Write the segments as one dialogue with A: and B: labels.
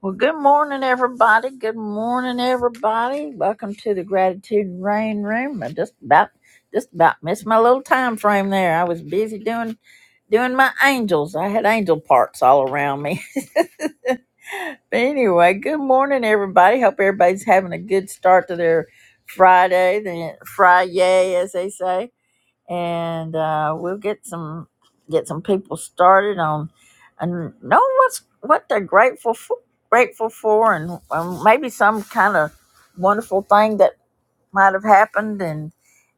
A: Well, good morning, everybody. Good morning, everybody. Welcome to the Gratitude and Rain Room. I just about just about missed my little time frame there. I was busy doing doing my angels. I had angel parts all around me. But anyway, good morning, everybody. Hope everybody's having a good start to their Friday, the Friday, as they say and uh, we'll get some get some people started on and know what's what they're grateful for, grateful for, and um, maybe some kind of wonderful thing that might have happened, and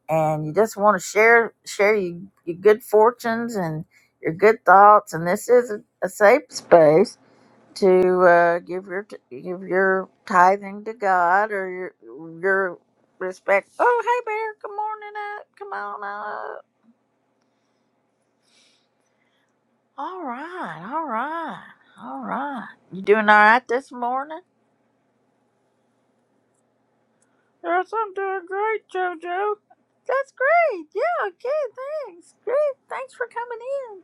A: and you just want to share share your, your good fortunes and your good thoughts, and this is a, a safe space to uh, give your t- give your tithing to God or your your respect. Oh, hey, Bear, good morning up. Come on up. All right, all right, all right. You doing all right this morning? Yes, I'm doing great, JoJo. That's great. Yeah, okay, thanks. Great. Thanks for coming in.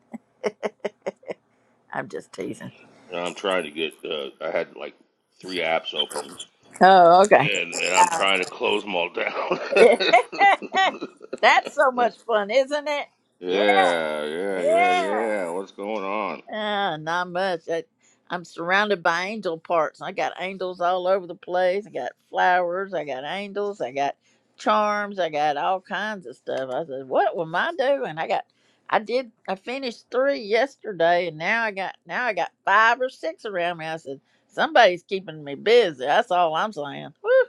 A: I'm just teasing.
B: And I'm trying to get. Uh, I had like three apps open,
A: Oh, okay.
B: and and I'm trying to close them all down.
A: That's so much fun, isn't it? Yeah.
B: yeah, yeah, yeah,
A: Yeah.
B: yeah. What's going on?
A: Ah, not much. I, I'm surrounded by angel parts. I got angels all over the place. I got flowers. I got angels. I got charms. I got all kinds of stuff. I said, "What am I doing?" I got, I did, I finished three yesterday, and now I got, now I got five or six around me. I said, "Somebody's keeping me busy." That's all I'm saying. Whew.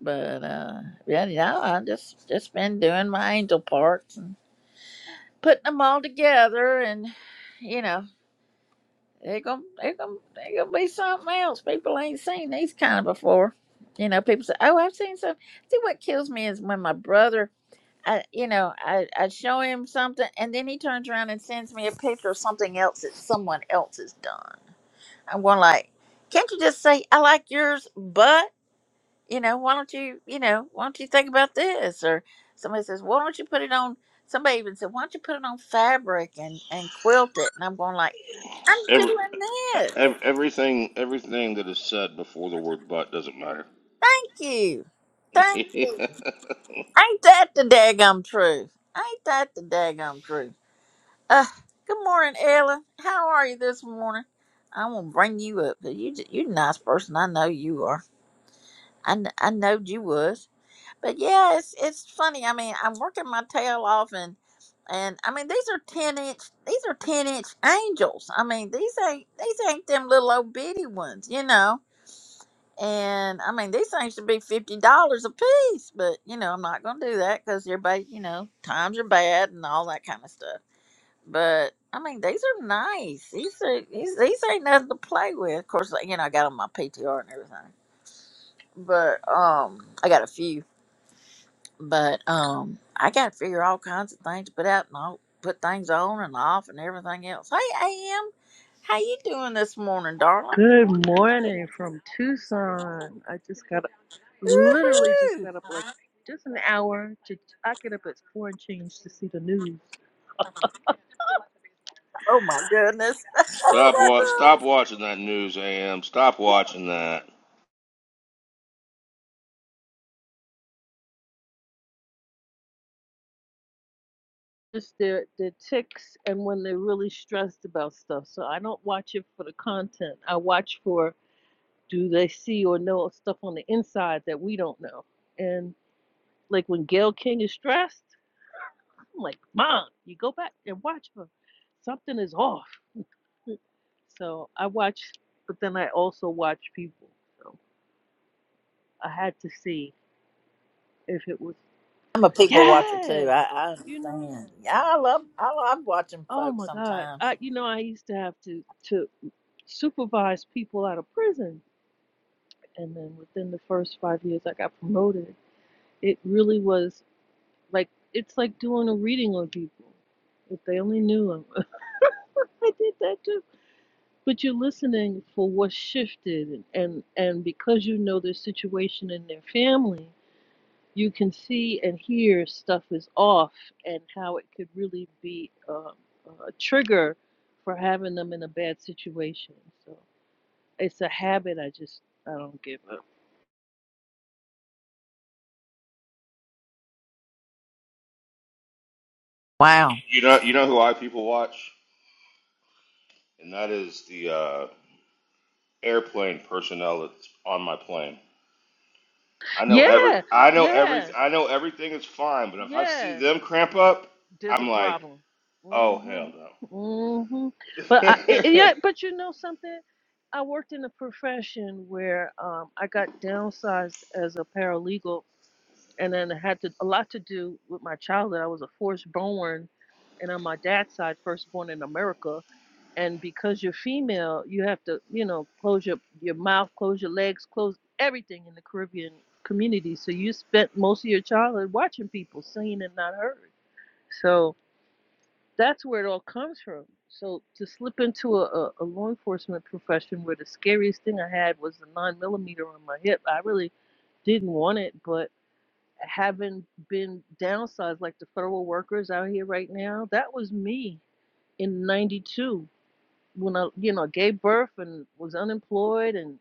A: But uh, yeah, you know, I just just been doing my angel parts and putting them all together, and you know. They're gonna they're gonna they're gonna be something else. People ain't seen these kind of before. You know, people say, "Oh, I've seen some." See, what kills me is when my brother, I you know, I I show him something, and then he turns around and sends me a picture of something else that someone else has done. I'm going like, "Can't you just say I like yours, but you know, why don't you you know why don't you think about this?" Or somebody says, "Why don't you put it on?" Somebody even said, "Why don't you put it on fabric and and quilt it?" And I'm going like, "I'm
B: Every,
A: doing this."
B: ev everything, everything that is said before the word "but" doesn't matter.
A: Thank you. Thank you. Ain't that the daggum truth? Ain't that the daggum truth? Uh, good morning, Ella. How are you this morning? I'm gonna bring you up because you j- you're a nice person. I know you are. I kn- I knowed you was. But yeah, it's it's funny. I mean, I'm working my tail off, and and I mean these are ten inch these are ten inch angels. I mean these ain't these ain't them little old bitty ones, you know And I mean, these things should be fifty dollars a piece, but you know, I'm not gonna do that because everybody, you know, times are bad and all that kind of stuff. But I mean, these are nice. These are these, these ain't nothing to play with. Of course, like, you know, I got on my PTR and everything, but um, I got a few. But um, I got to figure all kinds of things to put out and all put things on and off and everything else. Hey, Am, how you doing this morning, darling?
C: Good morning from Tucson. I just got literally just
A: Woohoo!
C: got up like just an hour to I get up at four and change to see the news.
A: Oh my goodness.
C: Oh
B: stop
C: my
B: wa- Stop
C: god.
B: watching that news, AM. Stop watching that.
C: Just their their ticks and when they're really stressed about stuff. So I don't watch it for the content. I watch for do they see or know stuff on the inside that we don't know. And like when Gail King is stressed, I'm like, Mom, you go back and watch her. Something is off. So I watched, but then I also watched people. So I had to see if it was,
A: I'm a people watcher
C: yeah,
A: too. I, I
C: you know,
A: understand. Yeah, I love I love watching
C: oh
A: folks
C: my God.
A: sometimes.
C: I, you know, I used to have to, to supervise people out of prison. And then within the first five years, I got promoted. It really was like, it's like doing a reading on people. If they only knew them, I did that too. But you're listening for what shifted, and, and and because you know their situation and their family, you can see and hear stuff is off and how it could really be um, a trigger for having them in a bad situation. So it's a habit I just I don't give up.
A: Wow.
B: You know, you know who I people watch, and that is the uh, airplane personnel that's on my plane. I know every
C: Yeah,
B: I know every
C: yeah,
B: I know everything is fine, but if I see
C: yeah.
B: them cramp up,
C: There's a
B: I'm like,
C: problem.
B: oh
C: mm Mhm,
B: hell
C: mm mhm. But I it, it-
B: no.
C: yeah, but you know something. I worked in a profession where um, I got downsized as a paralegal and then it had to, a lot to do with my childhood. I was a firstborn, and on my dad's side, firstborn in America. And because you're female, you have to, you know, close your your mouth, close your legs, close everything in the Caribbean community. So you spent most of your childhood watching people seen and not heard. So that's where it all comes from. So to slip into a, a, law enforcement profession where the scariest thing I had was the nine millimeter on my hip, I really didn't want it, but haven't been downsized like the federal workers out here right now, that was me in 92 when I, you know, gave birth and was unemployed and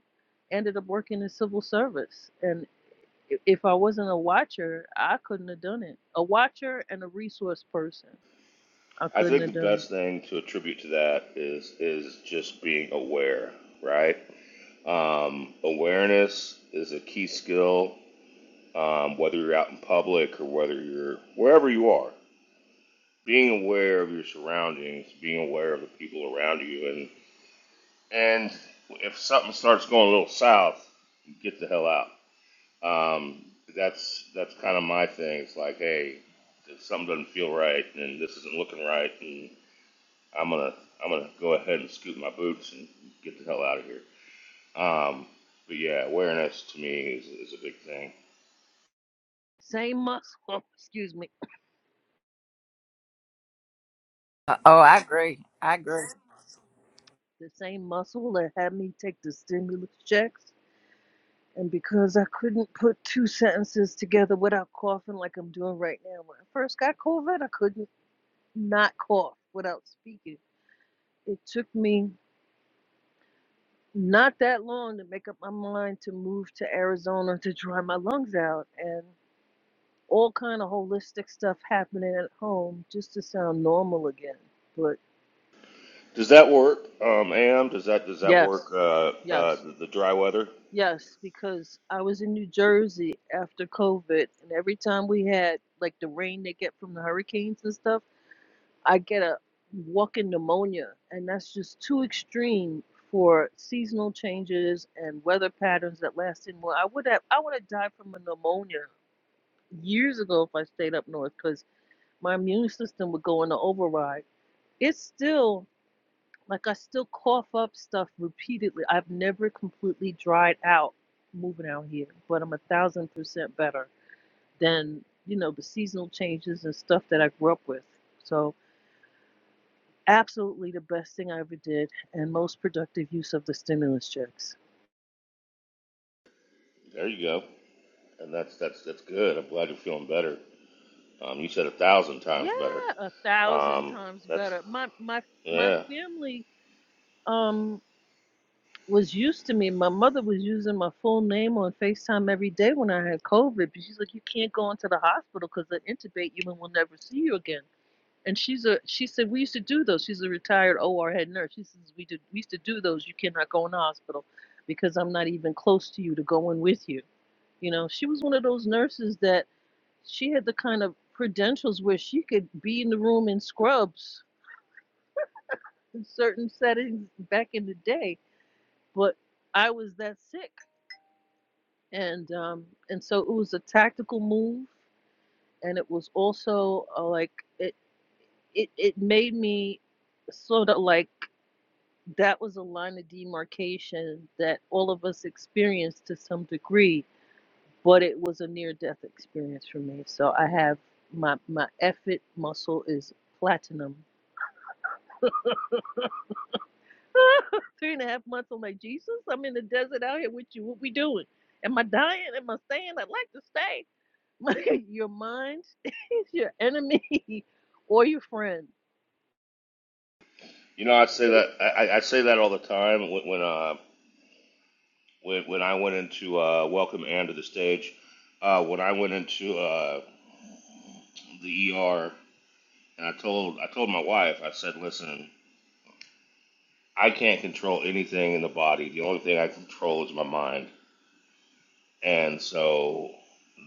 C: ended up working in civil service. And if I wasn't a watcher, I couldn't have done it. A watcher and a resource person, I
B: I
C: couldn't
B: think
C: have
B: the
C: done it.
B: best thing to attribute to that is is just being aware, right? Um, awareness is a key skill, um, whether you're out in public or whether you're wherever you are. Being aware of your surroundings, being aware of the people around you, and and if something starts going a little south, get the hell out Um, that's that's kind of my thing. It's like, hey, if something doesn't feel right, and this isn't looking right, and I'm gonna I'm gonna go ahead and scoot my boots and get the hell out of here. Um, but yeah, awareness to me is, is a big thing.
C: Same muscle, excuse me,
A: Uh, Oh, I agree. I agree.
C: the same muscle that had me take the stimulus checks And because I couldn't put two sentences together without coughing like I'm doing right now, when I first got COVID, I couldn't not cough without speaking. It took me not that long to make up my mind to move to Arizona to dry my lungs out and all kind of holistic stuff happening at home just to sound normal again. But
B: Does that work, um, Am? Does that does that work?
C: yes,
B: Uh, uh,
C: yes,
B: the, the dry weather.
C: yes, because I was in New Jersey after COVID and every time we had like the rain they get from the hurricanes and stuff I get a walking pneumonia, and that's just too extreme for seasonal changes and weather patterns that last in well. I would have I would have died from a pneumonia years ago if I stayed up north because my immune system would go into override. It's still like I still cough up stuff repeatedly. I've never completely dried out moving out here, but I'm a thousand percent better than you know the seasonal changes and stuff that I grew up with. So Absolutely the best thing I ever did and most productive use of the stimulus checks.
B: There you go, and that's that's that's good. I'm glad you're feeling better. Um, you said a thousand
C: Yeah,
B: times better.
C: a thousand
B: Um,
C: times
B: that's
C: better. My my my
B: yeah.
C: family um was used to me. My mother was using my full name on FaceTime every day when I had COVID. But she's like, you can't go into the hospital because they'll intubate you and we'll never see you again. And she's a she said we used to do those. She's a retired OR head nurse. She says we did we used to do those. You cannot go in the hospital because I'm not even close to you to go in with you. You know, she was one of those nurses that she had the kind of credentials where she could be in the room in scrubs in certain settings back in the day. But I was that sick, and um, and so it was a tactical move, and it was also uh, like it it it made me sort of like that was a line of demarcation that all of us experienced to some degree but it was a near death experience for me. So I have my my effort muscle is platinum. Three and a half months. I'm like Jesus. I'm in the desert out here with you. What we doing? Am I dying? Am I staying? I'd like to stay. Like, your mind is your enemy or your friend.
B: You know, I say that I, I say that all the time when, when uh, when, when I went into uh, welcome Ann to the stage, uh, when I went into uh, the ER, and I told I told my wife, I said, listen, I can't control anything in the body. The only thing I control is my mind. And so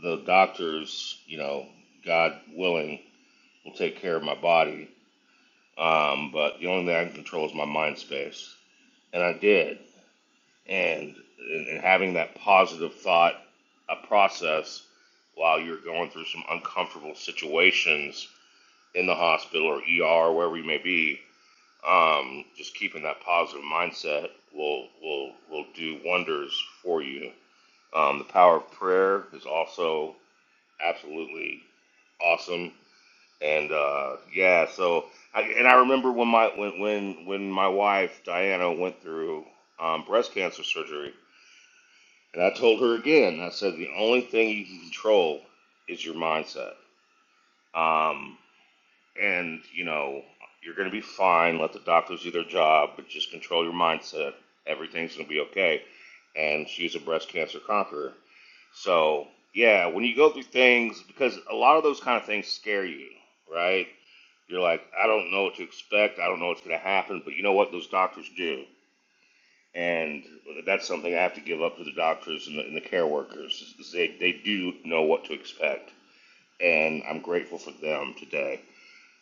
B: the doctors, you know, God willing, will take care of my body. Um, but the only thing I can control is my mind space. And I did. and and having that positive thought a process while you're going through some uncomfortable situations in the hospital or ER or wherever you may be, um, just keeping that positive mindset will will will do wonders for you. Um, the power of prayer is also absolutely awesome, and uh, yeah. So I, and I remember when my when when when my wife Diana went through um, breast cancer surgery and I told her again, I said, the only thing you can control is your mindset. Um, and, you know, you're going to be fine. Let the doctors do their job, but just control your mindset. Everything's going to be okay. And she's a breast cancer conqueror. So, yeah, when you go through things, because a lot of those kind of things scare you, right? You're like, I don't know what to expect. I don't know what's going to happen. But you know what those doctors do? and that's something I have to give up to the doctors and the, and the care workers. They they do know what to expect, and I'm grateful for them today.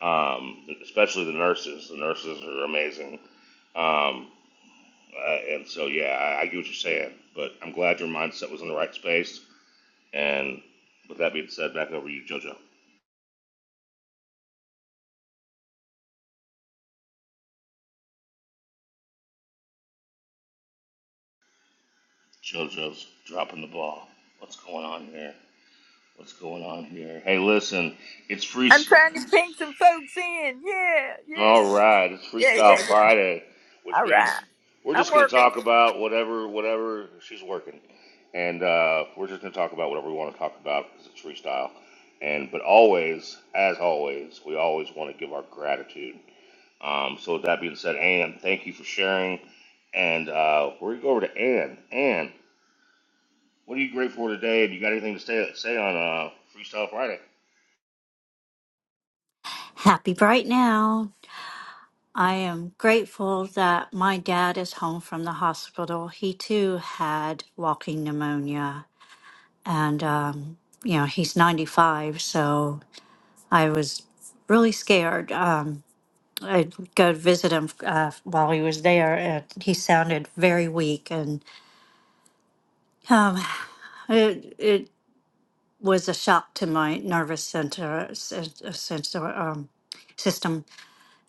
B: Um, especially the nurses. The nurses are amazing. Um, uh, and so yeah, I, I get what you're saying, but I'm glad your mindset was in the right space. And with that being said, back over to you, JoJo. JoJo's dropping the ball. What's going on here? What's going on here? Hey, listen, it's
A: I'm
B: free.
A: trying to ping some folks in. Yeah, yeah,
B: All
A: yeah,
B: right, it's
A: yeah, yeah,
B: Freestyle
A: yeah.
B: Friday,
A: All
B: which
A: right.
B: means we're
A: I'm
B: just going to
A: working.
B: talk about whatever, whatever she's working, and uh, we're just going to talk about whatever we want to talk about because it's freestyle. And but always, as always, we always want to give our gratitude. Um, so with that being said, Ann, thank you for sharing, and uh, we're going to go over to Ann. Ann, what are you grateful for today? And you got anything to say, say on uh, Freestyle Friday?
D: happy right now. I am grateful that my dad is home from the hospital. He too had walking pneumonia. And, um, you know, he's 95, so I was really scared. Um, I'd go visit him uh, while he was there, and he sounded very weak. And um, it, it was a shock to my nervous center, sys- uh, sensor, um, system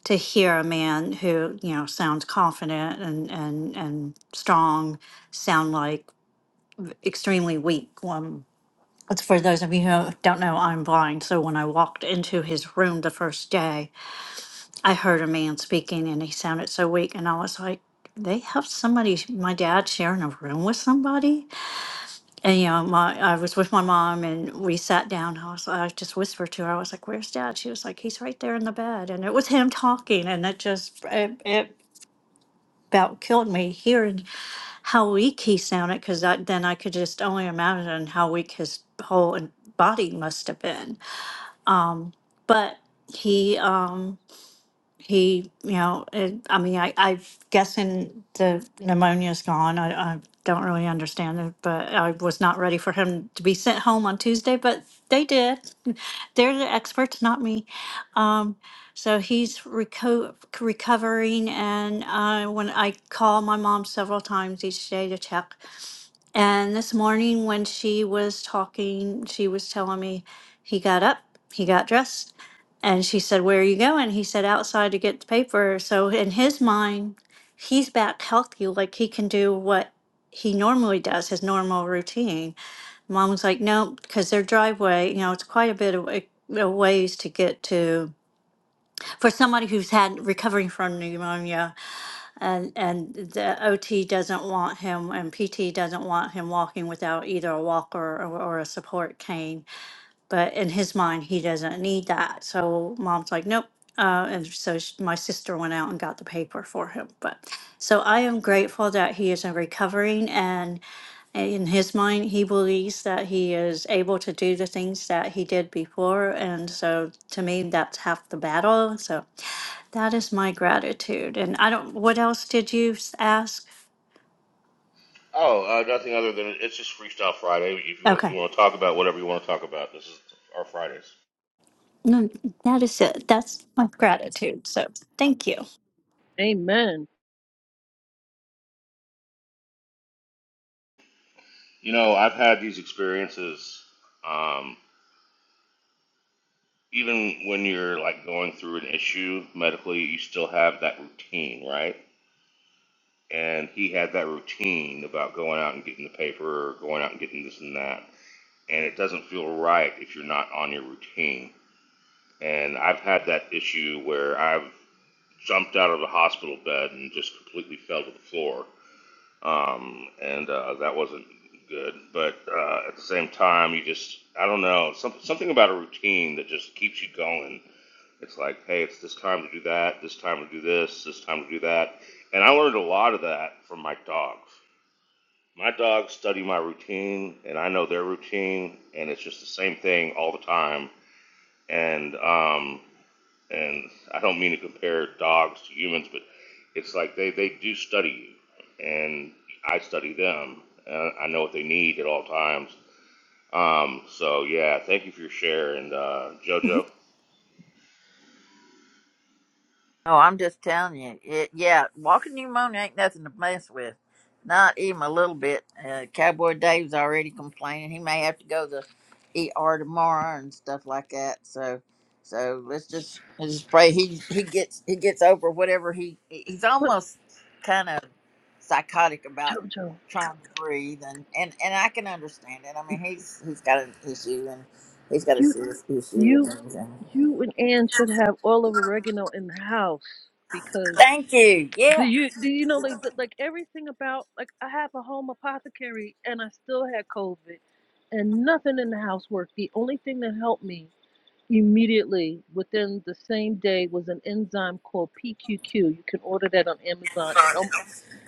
D: to hear a man who you know sounds confident and and and strong sound like extremely weak um it's for those of you who don't know i'm blind so when i walked into his room the first day i heard a man speaking and he sounded so weak and i was like they have somebody my dad sharing a room with somebody and you know my i was with my mom and we sat down i was i just whispered to her i was like where's dad she was like he's right there in the bed and it was him talking and it just it, it about killed me hearing how weak he sounded because then I could just only imagine how weak his whole body must have been. But he, um, he, you know, it, I mean, I, I'm guessing the pneumonia's gone. I, I don't really understand it, but I was not ready for him to be sent home on Tuesday, but they did. They're the experts, not me. Um, so he's reco- recovering, and uh, when I call my mom several times each day to check, and this morning, when she was talking, she was telling me he got up, he got dressed. And she said, Where are you going? He said, Outside to get the paper. So in his mind, he's back healthy, like he can do what he normally does, his normal routine. Mom was like, No, because their driveway, you know, it's quite a bit of a a ways to get to for somebody who's had recovering from pneumonia and and the ot doesn't want him and pt doesn't want him walking without either a walker or, or a support cane but in his mind he doesn't need that so mom's like nope uh, and so sh my sister went out and got the paper for him but so i am grateful that he is in recovering and in his mind he believes that he is able to do the things that he did before and so to me that's half the battle so that is my gratitude and i don't what else did you s- ask
B: Oh, uh, nothing other than it's just Freestyle Friday. If you want,
D: okay
B: you want to talk about whatever you want to talk about. This is our Fridays.
D: no that is it that's my gratitude so thank you
C: Amen.
B: You know, I've had these experiences. Um, even when you're like going through an issue medically, you still have that routine, right? And he had that routine about going out and getting the paper, or going out and getting this and that. And it doesn't feel right if you're not on your routine. And I've had that issue where I've jumped out of the hospital bed and just completely fell to the floor um, and uh, that wasn't good. But uh, at the same time, you just I don't know some, something about a routine that just keeps you going. It's like, hey, it's this time to do that, this time to do this, this time to do that, and I learned a lot of that from my dogs. My dogs study my routine, and I know their routine, and it's just the same thing all the time. And um, and I don't mean to compare dogs to humans, but it's like they, they do study you, and I study them. And I know what they need at all times. Um, so yeah, thank you for your share, and uh, JoJo.
A: Oh, I'm just telling you. It, yeah, walking pneumonia ain't nothing to mess with. Not even a little bit. Uh, Cowboy Dave's already complaining. He may have to go to ER tomorrow and stuff like that. So, so let's just let's just pray he he gets he gets over whatever he he's
C: But
A: almost kind of psychotic about
C: Jojo,
A: trying to breathe and and and I can understand it. I mean, he's he's got an issue and he's got a
C: you
A: serious issue and
C: you
A: everything.
C: you and Ann should have all of oregano in the house because
A: Thank you.
C: Do
A: Yeah.
C: you do you know like like everything about like I have a home apothecary and I still had COVID and nothing in the house worked. The only thing that helped me immediately within the same day was an enzyme called PQQ. You can order that on Amazon and um,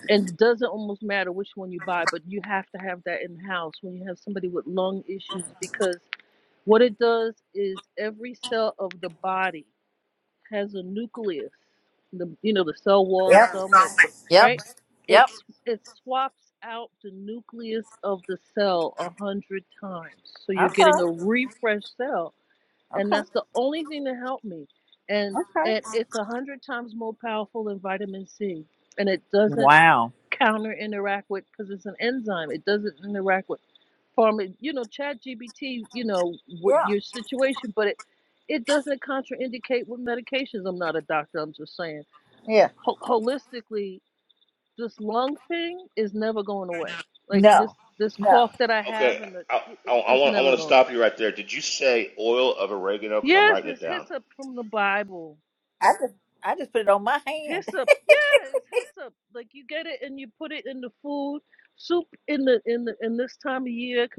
C: and it doesn't almost matter which one you buy, but you have to have that in the house when you have somebody with lung issues because what it does is every cell of the body has a nucleus. The you know the cell wall, the
A: Yep.
C: cell make
A: Yep.
C: right.
A: Yep.
C: It's it swaps out the nucleus of the cell a hundred times, so you're
A: Okay.
C: getting a refresh cell, and
A: Okay.
C: that's the only thing that helped me. And
A: Okay.
C: and it's a hundred times more powerful than vitamin C, and it doesn't
A: Wow.
C: counter interact with because it's an enzyme. It doesn't interact with pharma. You know, Chat GBT. You know what
A: Yeah.
C: your situation, but it it doesn't contraindicate with medications. I'm not a doctor. I'm just saying.
A: Yeah.
C: Ho- holistically, this lung thing is never going away. Like this
A: No.
C: this
A: No.
C: cough that I have,
B: Okay,
C: and the,
B: I,
C: it,
B: I,
C: it-
B: I
C: it's
B: want I
C: never
B: want to
C: going
B: stop
C: away.
B: you right there. Did you say oil of oregano? Because I'm
C: Yes,
B: writing it
C: it's
B: down.
C: hyssop from the Bible.
A: I just I just put it on my hand.
C: hyssop. Yeah, it's hyssop. Like you get it and you put it in the food soup in the in the in this time of year, 'cause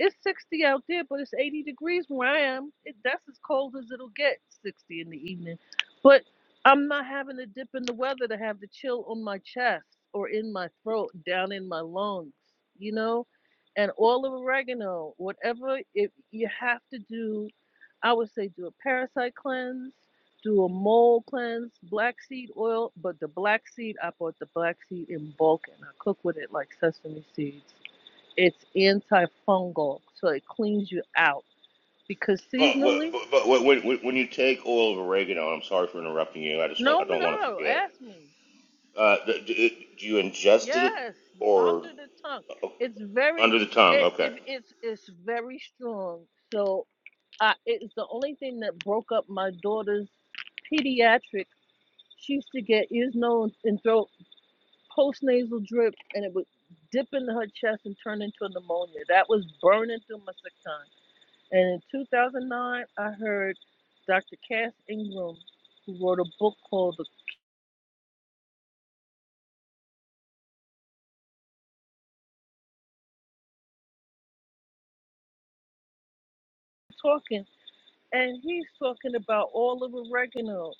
C: it's sixty out there, but it's eighty degrees where I am. It that's as cold as it'll get, sixty in the evening. But I'm not having to dip in the weather to have the chill on my chest or in my throat, down in my lungs, you know. And all of oregano, whatever if you have to do, I would say do a parasite cleanse do a mold cleanse, black seed oil, but the black seed, I bought the black seed in bulk and I cook with it like sesame seeds. It's antifungal, so it cleans you out. Because
B: But but
C: seasonally,
B: but, but when, when when you take oil of oregano, I'm sorry for interrupting you. I just want I
C: no,
B: don't want to
C: no,
B: forget.
C: ask me.
B: Uh, do, do do you ingest it
C: Yes,
B: or
C: under the tongue.
B: uh,
C: It's very,
B: under the tongue?
C: it,
B: Okay.
C: it it's it's very strong. So I, it's the only thing that broke up my daughter's pediatric. She used to get ear, nose, and throat post nasal drip, and it would dip into her chest and turn into pneumonia. That was burning through my sick time. And in 2009, I heard Dr. Cass Ingram, who wrote a book called The Talking, and he's talking about all of oregano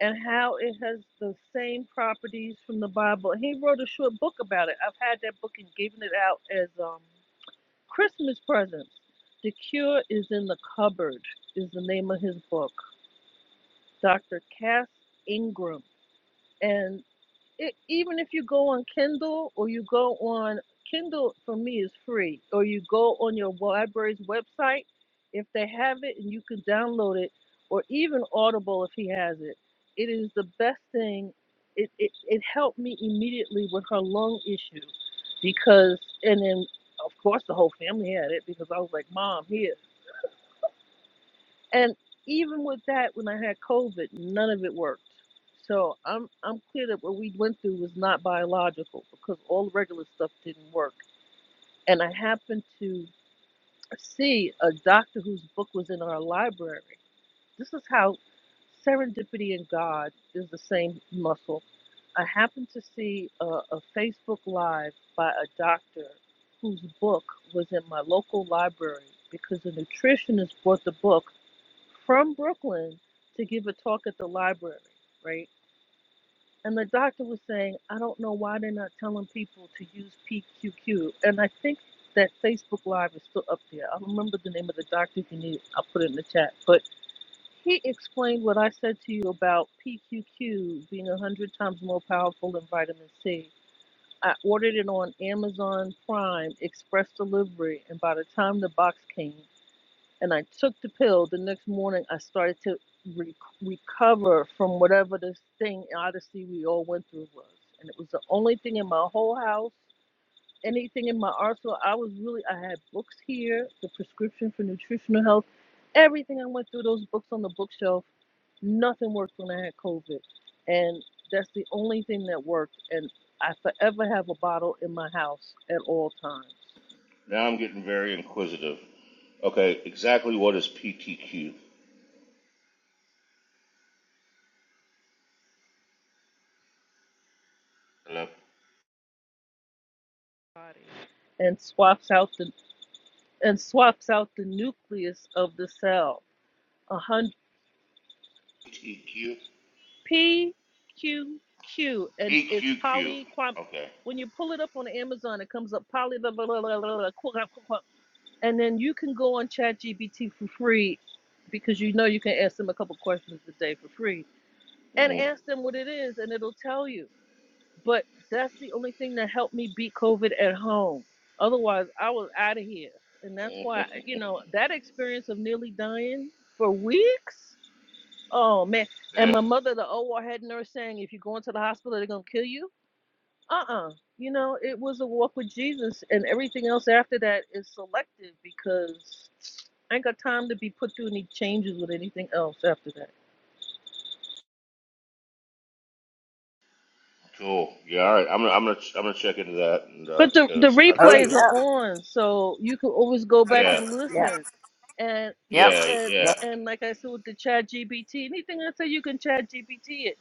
C: and how it has the same properties from the Bible. He wrote a short book about it. I've had that book and given it out as um, Christmas presents. The Cure is in the Cupboard is the name of his book. Dr. Cass Ingram. And it, even if you go on Kindle or you go on Kindle, for me, is free, or you go on your library's website, if they have it and you can download it, or even Audible if he has it, it is the best thing. It, it, it helped me immediately with her lung issue because, and then of course the whole family had it because I was like, Mom, here. And even with that, when I had COVID, none of it worked. So I'm I'm clear that what we went through was not biological because all the regular stuff didn't work. And I happened to see a doctor whose book was in our library. This is how serendipity and God is the same muscle. I happened to see a, a Facebook Live by a doctor whose book was in my local library because a nutritionist bought the book from Brooklyn to give a talk at the library, right? And the doctor was saying, I don't know why they're not telling people to use PQQ. And I think that Facebook Live is still up there. I remember the name of the doctor. If you need, it, I'll put it in the chat. But he explained what I said to you about PQQ being 100 times more powerful than vitamin C. I ordered it on Amazon Prime Express Delivery, and by the time the box came, and I took the pill. The next morning, I started to re- recover from whatever this thing, Odyssey, we all went through was. And it was the only thing in my whole house, anything in my arsenal. I was really, I had books here, the prescription for nutritional health, everything I went through, those books on the bookshelf. Nothing worked when I had COVID. And that's the only thing that worked. And I forever have a bottle in my house at all times
B: Now I'm getting very inquisitive. Okay, exactly what is PTQ? Hello?
C: and swaps out the and swaps out the nucleus of the cell. A hundred
B: PTQ?
C: PQQ and it's
B: PQQ.
C: poly.
B: Okay.
C: When you pull it up on Amazon, it comes up poly blah, blah, blah, blah, blah, blah, and then you can go on ChatGPT for free because you know you can ask them a couple questions a day for free and
B: hmm
C: ask them what it is and it'll tell you. But that's the only thing that helped me beat COVID at home. Otherwise, I was out of here. And that's why, you know, that experience of nearly dying for weeks. Oh, man. And
B: yeah.
C: my mother, the OR head nurse, saying, if you go into the hospital, they're going to kill you. Uh uh You know, it was a walk with Jesus. And everything else after that is selective because I ain't got time to be put through any changes with anything else after that.
B: Cool. Yeah. All right. I'm gonna I'm gonna I'm gonna check into that and uh,
C: But the the
B: because I've
A: Oh
B: got
C: replays are
A: yeah.
C: on, so you can always go
A: Okay.
C: back
B: yeah
C: and
A: Yeah.
C: listen. And
A: Yep.
C: and
B: yeah
C: and,
A: Yep.
B: yeah
C: and like I said with the Chat GPT, anything I say you can Chat GPT it.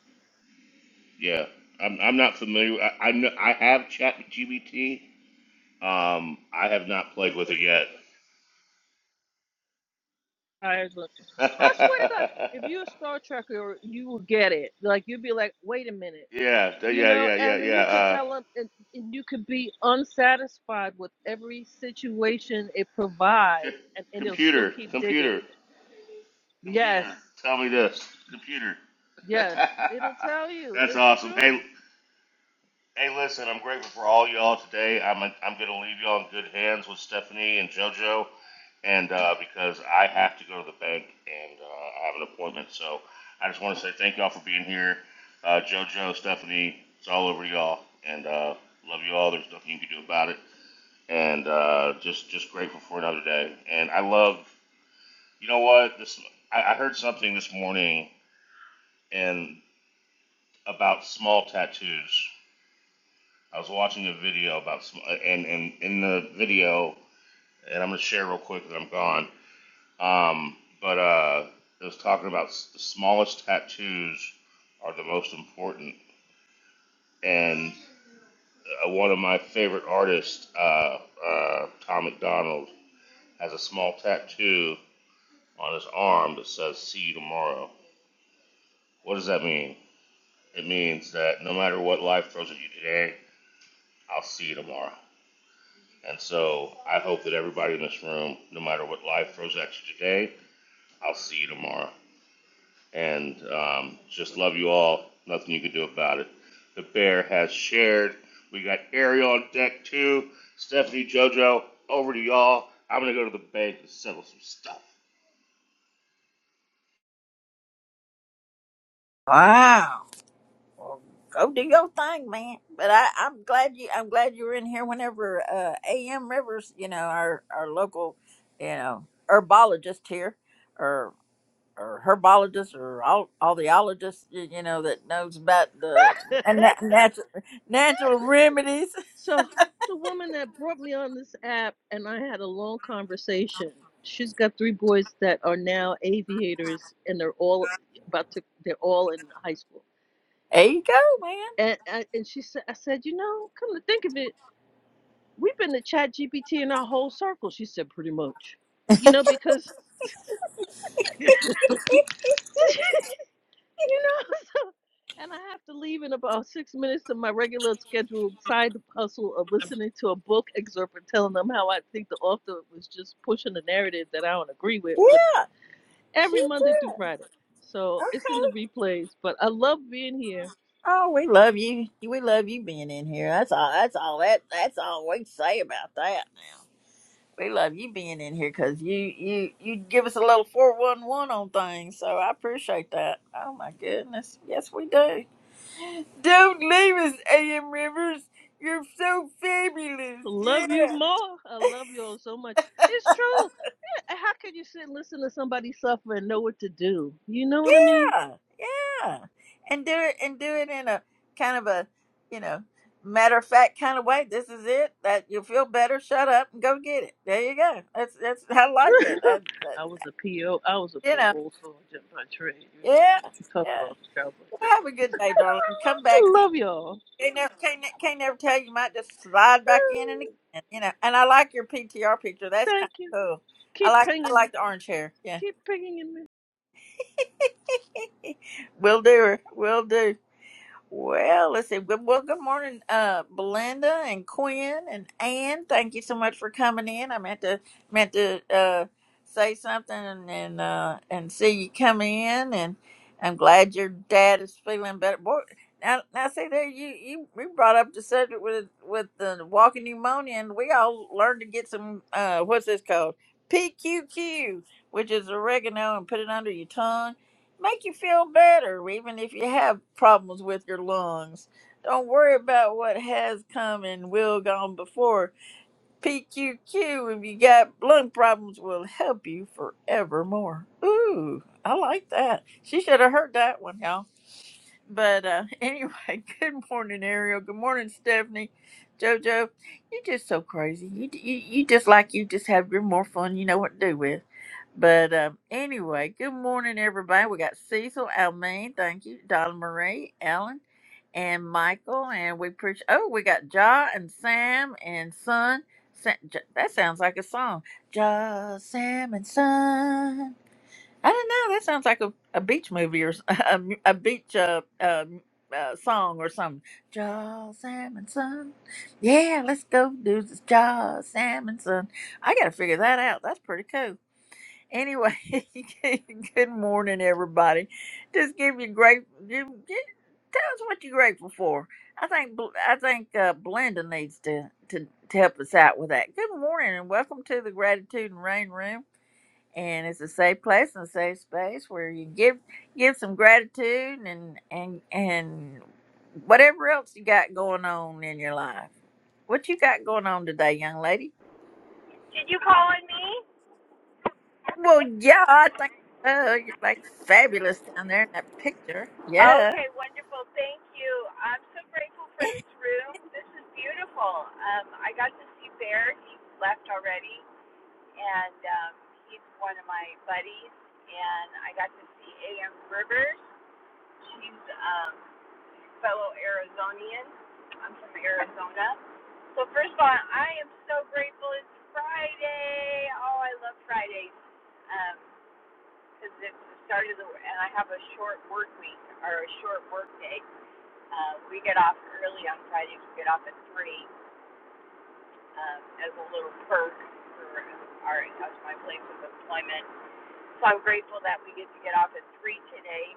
B: yeah. I'm I'm not familiar. I I, know, I have ChatGPT. Um, I have not played with it yet.
C: I was like, I swear to God, if you're a Star Trekker, you will get it. Like you'll be like, wait a minute,
B: yeah. Yeah.
C: you know.
B: Yeah. Yeah.
C: And then
B: Yeah.
C: you could
B: Uh,
C: tell them, and, and you could be unsatisfied with every situation it provides,
B: c-
C: and and it'll still
B: computer.
C: keep digging.
B: Computer.
C: Yes,
B: Computer, tell me this. Computer.
C: yes, it'll tell you
B: That's
C: it's
B: awesome. Hey,
C: true.
B: hey, listen, I'm grateful for all y'all today. I'm I'm gonna leave y'all in good hands with Stephanie and JoJo, and uh, because I have to go to the bank and uh, I have an appointment, so I just want to say thank y'all for being here. Uh, JoJo, Stephanie, it's all over y'all, and uh, love you all. There's nothing you can do about it, and uh, just just grateful for another day. And I love, you know what? This I, I heard something this morning and about small tattoos. I was watching a video about sm- and and in the video, and I'm gonna share real quick that I'm gone. Um, but uh, it was talking about s- the smallest tattoos are the most important. And uh, one of my favorite artists, uh, uh, Tom McDonald, has a small tattoo on his arm that says "See you tomorrow." What does that mean? It means that no matter what life throws at you today, I'll see you tomorrow. And so I hope that everybody in this room, no matter what life throws at you today, I'll see you tomorrow. And um, just love you all. Nothing you can do about it. The bear has shared. We got Ariel on deck too. Stephanie, JoJo, over to y'all. I'm gonna go to the bank and settle some stuff.
A: Wow. Well, go do your thing, man. But I, I'm glad you I'm glad you were in here whenever uh AM Rivers, you know, our our local, you know, herbologist here or or herbologist or all all the ologist, you you know, that knows about the and nat- natural natural remedies.
C: So the woman that brought me on this app and I had a long conversation. She's got three boys that are now aviators and they're all about to they're all in high school.
A: There you go, man.
C: And I, and she said I said, "You know, come to think of it, we've been to chat GPT in our whole circle." She said pretty much. You know because you know And I have to leave in about six minutes to my regular scheduled side hustle of listening to a book excerpt and telling them how I think the author was just pushing a narrative that I don't agree with, with
A: Yeah, she
C: every Monday through
A: did.
C: Friday. So it's in the
A: Okay.
C: replays, but I love being here.
A: Oh, we love you. We love you being in here. That's all. That's all. That that's all we can say about that. We love you being in here because you you you give us a little four one one on things. So I appreciate that. Oh my goodness. Yes, we do. Don't leave us, A.M. Rivers. You're so fabulous.
C: Love
A: Yeah.
C: you more. I love you all so much. It's true. How can you sit and listen to somebody suffer and know what to do? You know what I mean?
A: Yeah, yeah, and do it and do it in a kind of a you know matter of fact kind of way. This is it. That you feel better. Shut up and go get it. There you go. That's that's I like it. I, that,
C: I was a PO. I was a
A: you
C: full
A: know.
C: old soldier by trade. You
A: Yeah,
C: know, tough
A: yeah.
C: love sounds like
A: Well,
C: that.
A: have a good day, darling. Come back.
C: love y'all.
A: Can't never, can't, ne- can't never tell. You might just slide back in and again. You know. And I like your PTR picture. That's
C: Thank
A: kind
C: you.
A: of cool. I
C: Keep
A: like I
C: pinging me.
A: like the orange hair. Yeah,
C: Keep pinging me.
A: will do. her. Will do. Well, let's see. Good, well, good morning, uh, Belinda and Quinn and Ann. Thank you so much for coming in. I meant to meant to uh, say something and and, uh, and see you come in, and I'm glad your dad is feeling better. Boy, now now see there you you we brought up the subject with with the walking pneumonia, and we all learned to get some uh, what's this called PQQ, which is oregano, and put it under your tongue make you feel better, even if you have problems with your lungs. Don't worry about what has come and will gone before. PQQ, if you got lung problems, will help you forevermore. Ooh, I like that. She should have heard that one, y'all. But uh, anyway, good morning, Ariel. Good morning, Stephanie. Jojo, you're just so crazy. You, you you just like you just have you more fun. You know what to do with. But um, anyway, good morning, everybody. We got Cecil, Almaine, thank you, Donna Marie, Alan, and Michael, and we preach. Oh, we got Ja and Sam and Son. Sa- J- that sounds like a song. Ja, Sam and Son. I don't know. That sounds like a, a beach movie or s- a, mu- a beach uh, uh, uh, song or something. Jaws, salmon, Yeah, let's go do this. Jaws, salmon, I got to figure that out. That's pretty cool. Anyway, good morning, everybody. Just give you great. Give, give, tell us what you're grateful for. I think Bl- I think uh, Blenda needs to, to to help us out with that. Good morning and welcome to the Gratitude and Rain Room and it's a safe place and a safe space where you give give some gratitude and and and whatever else you got going on in your life. What you got going on today, young lady?
E: Did you call on me?
A: Well, yeah, I think so. You look fabulous down there in that picture. Yeah.
E: Okay, wonderful. Thank you. I'm so grateful for this room. This is beautiful. Um, I got to see Bear. He left already, and um, he's one of my buddies. And I got to see A.M. Rivers. She's um, fellow Arizonian. I'm from Arizona. So first of all, I am so grateful it's Friday. Oh, I love Fridays. Um, because it's the start of the and I have a short work week or a short work day. Uh, we get off early on Fridays. We get off at three um, as a little perk for uh, our that's my place of employment. So I'm grateful that we get to get off at three today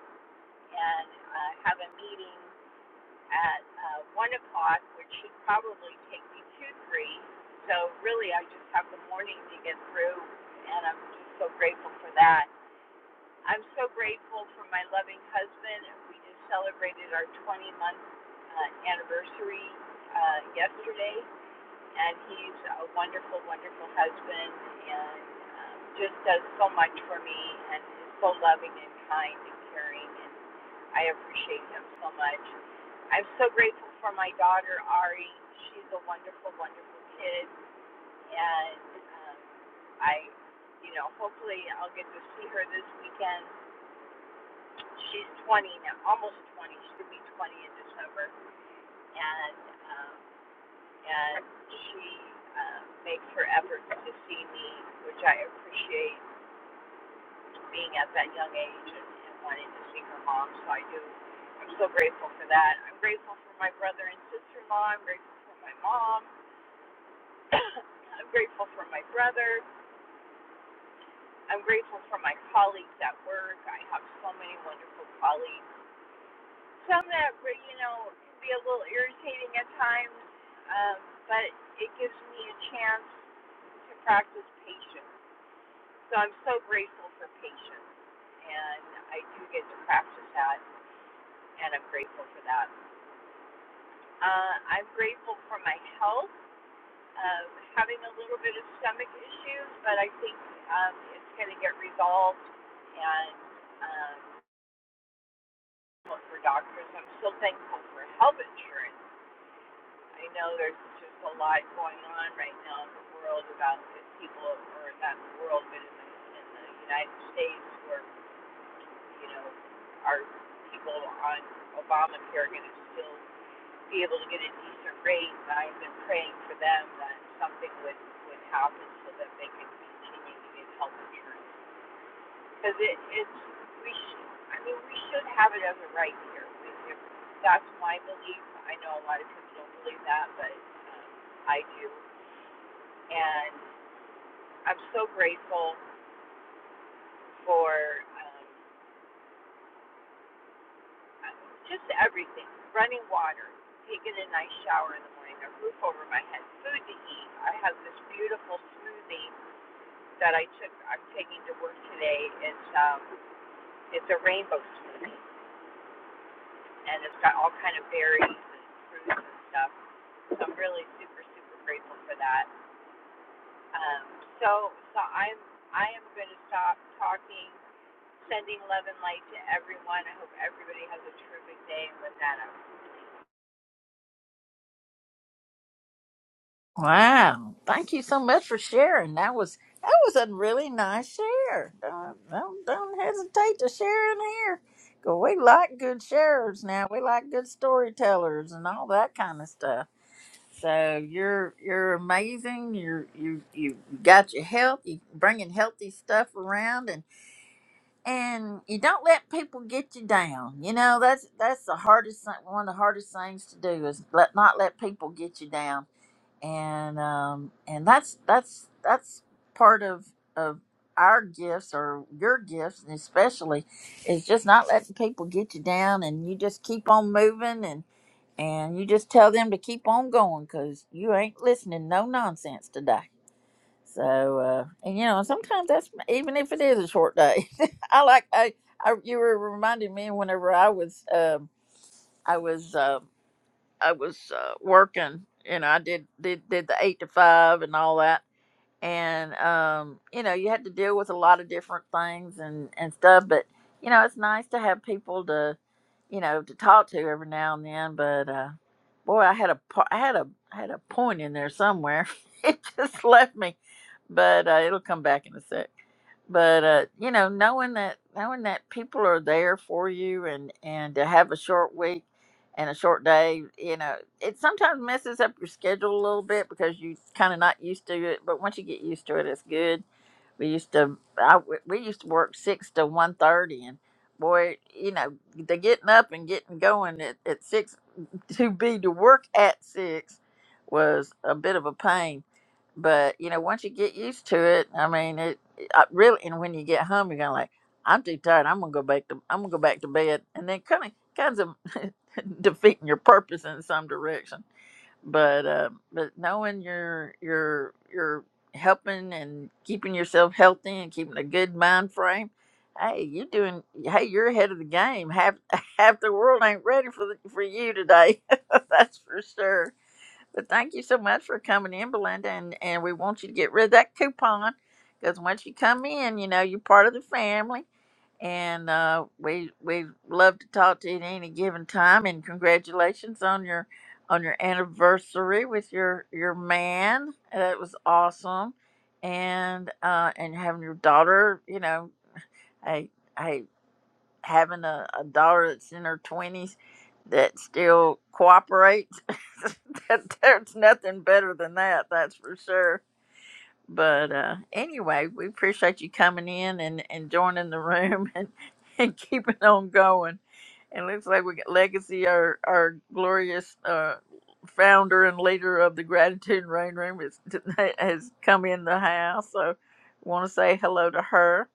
E: and uh, have a meeting at uh, one o'clock, which should probably take me to three. So really, I just have the morning to get through, and I'm just so grateful for that. I'm so grateful for my loving husband. We just celebrated our 20 month uh, anniversary uh, yesterday, and he's a wonderful, wonderful husband and um, just does so much for me and is so loving and kind and caring, and I appreciate him so much. I'm so grateful for my daughter, Ari. She's a wonderful, wonderful kid, and um, I, you know, hopefully I'll get to see her this weekend She's 20 now, almost 20. she going be 20 in December, and um, and she uh, makes her efforts to see me, which I appreciate being at that young age and, and wanting to see her mom. So I do. I'm so grateful for that. I'm grateful for my brother and sister-in-law. I'm grateful for my mom. I'm grateful for my brother. I'm grateful for my colleagues at work. I have so many wonderful colleagues some that you know can be a little irritating at times, um, but it gives me a chance to practice patience. So I'm so grateful for patience, and I do get to practice that, and I'm grateful for that. Uh, I'm grateful for my health, uh, having a little bit of stomach issues, but I think um, it's going to get resolved, and um, well, for doctors. I'm so thankful for health insurance I know there's just a lot going on right now in the world about people, or not in the world, but in the, in the United States, where you know, are people on Obamacare going to still be able to get a decent rate? And I've been praying for them that something would would happen so that they could continue to get health insurance because it is we sh- I mean we should have it as a right here. We, that's my belief. I know a lot of people don't believe that, but um, I do, and I'm so grateful for um, uh, just everything: running water, taking a nice shower in the morning, a roof over my head, food to eat. I have this beautiful smoothie that I took. I'm taking to work today. It's um, it's a rainbow smoothie, and it's got all kind of berries and fruits and stuff So I'm really super, super grateful for that. Um, so, so I'm, I am going to stop talking, sending love and light to everyone. I hope everybody has a terrific day. And with that, I'm
A: Wow. Thank you so much for sharing. That was that was a really nice share. Don't, don't, don't hesitate to share in here. 'Cause we like good sharers now. We like good storytellers and all that kind of stuff. So you're you're amazing. You're you you got your health. You bringing healthy stuff around, and and you don't let people get you down. You know that's that's the hardest thing- one of the hardest things to do is let not let people get you down and um and that's that's that's part of of our gifts or your gifts and especially is just not letting people get you down and you just keep on moving and and you just tell them to keep on going because you ain't listening no nonsense today so uh and you know sometimes that's even if it is a short day i like i, I you were reminding me whenever i was um i was Um I was uh, working. You know, I did, did did the eight to five and all that, and um, you know, you had to deal with a lot of different things and and stuff. But you know, it's nice to have people to, you know, to talk to every now and then. But uh, boy, I had a po- I had a had a point in there somewhere. it just left me, but uh, it'll come back in a sec but uh, you know, knowing that knowing that people are there for you and and to have a short week and a short day, you know, it sometimes messes up your schedule a little bit because you kind of not used to it. But once you get used to it, it's good we used to I we used to work six to one thirty, and boy, you know, the getting up and getting going at, at six to be to work at six was a bit of a pain. But you know, once you get used to it, I mean, it I really. And when you get home, you're gonna like, I'm too tired. I'm gonna go back to I'm gonna go back to bed, and then kind of kinds of defeating your purpose in some direction but uh, but knowing you're you're you're helping and keeping yourself healthy and keeping a good mind frame hey you're doing hey you're ahead of the game half half the world ain't ready for the, for you today that's for sure but thank you so much for coming in, Belinda, and, and we want you to get rid of that coupon because once you come in, you know you're part of the family, and uh, we we love to talk to you at any given time. And congratulations on your on your anniversary with your your man. That was awesome, and uh, and having your daughter. You know, I having a, a daughter that's in her twenties that still cooperates. that, there's nothing better than that, that's for sure. But uh, anyway, we appreciate you coming in and, and joining the room and, and keeping on going. And looks like we got Legacy, our our glorious uh, founder and leader of the Gratitude and Rain Room, is, has come in the house. So, want to say hello to her.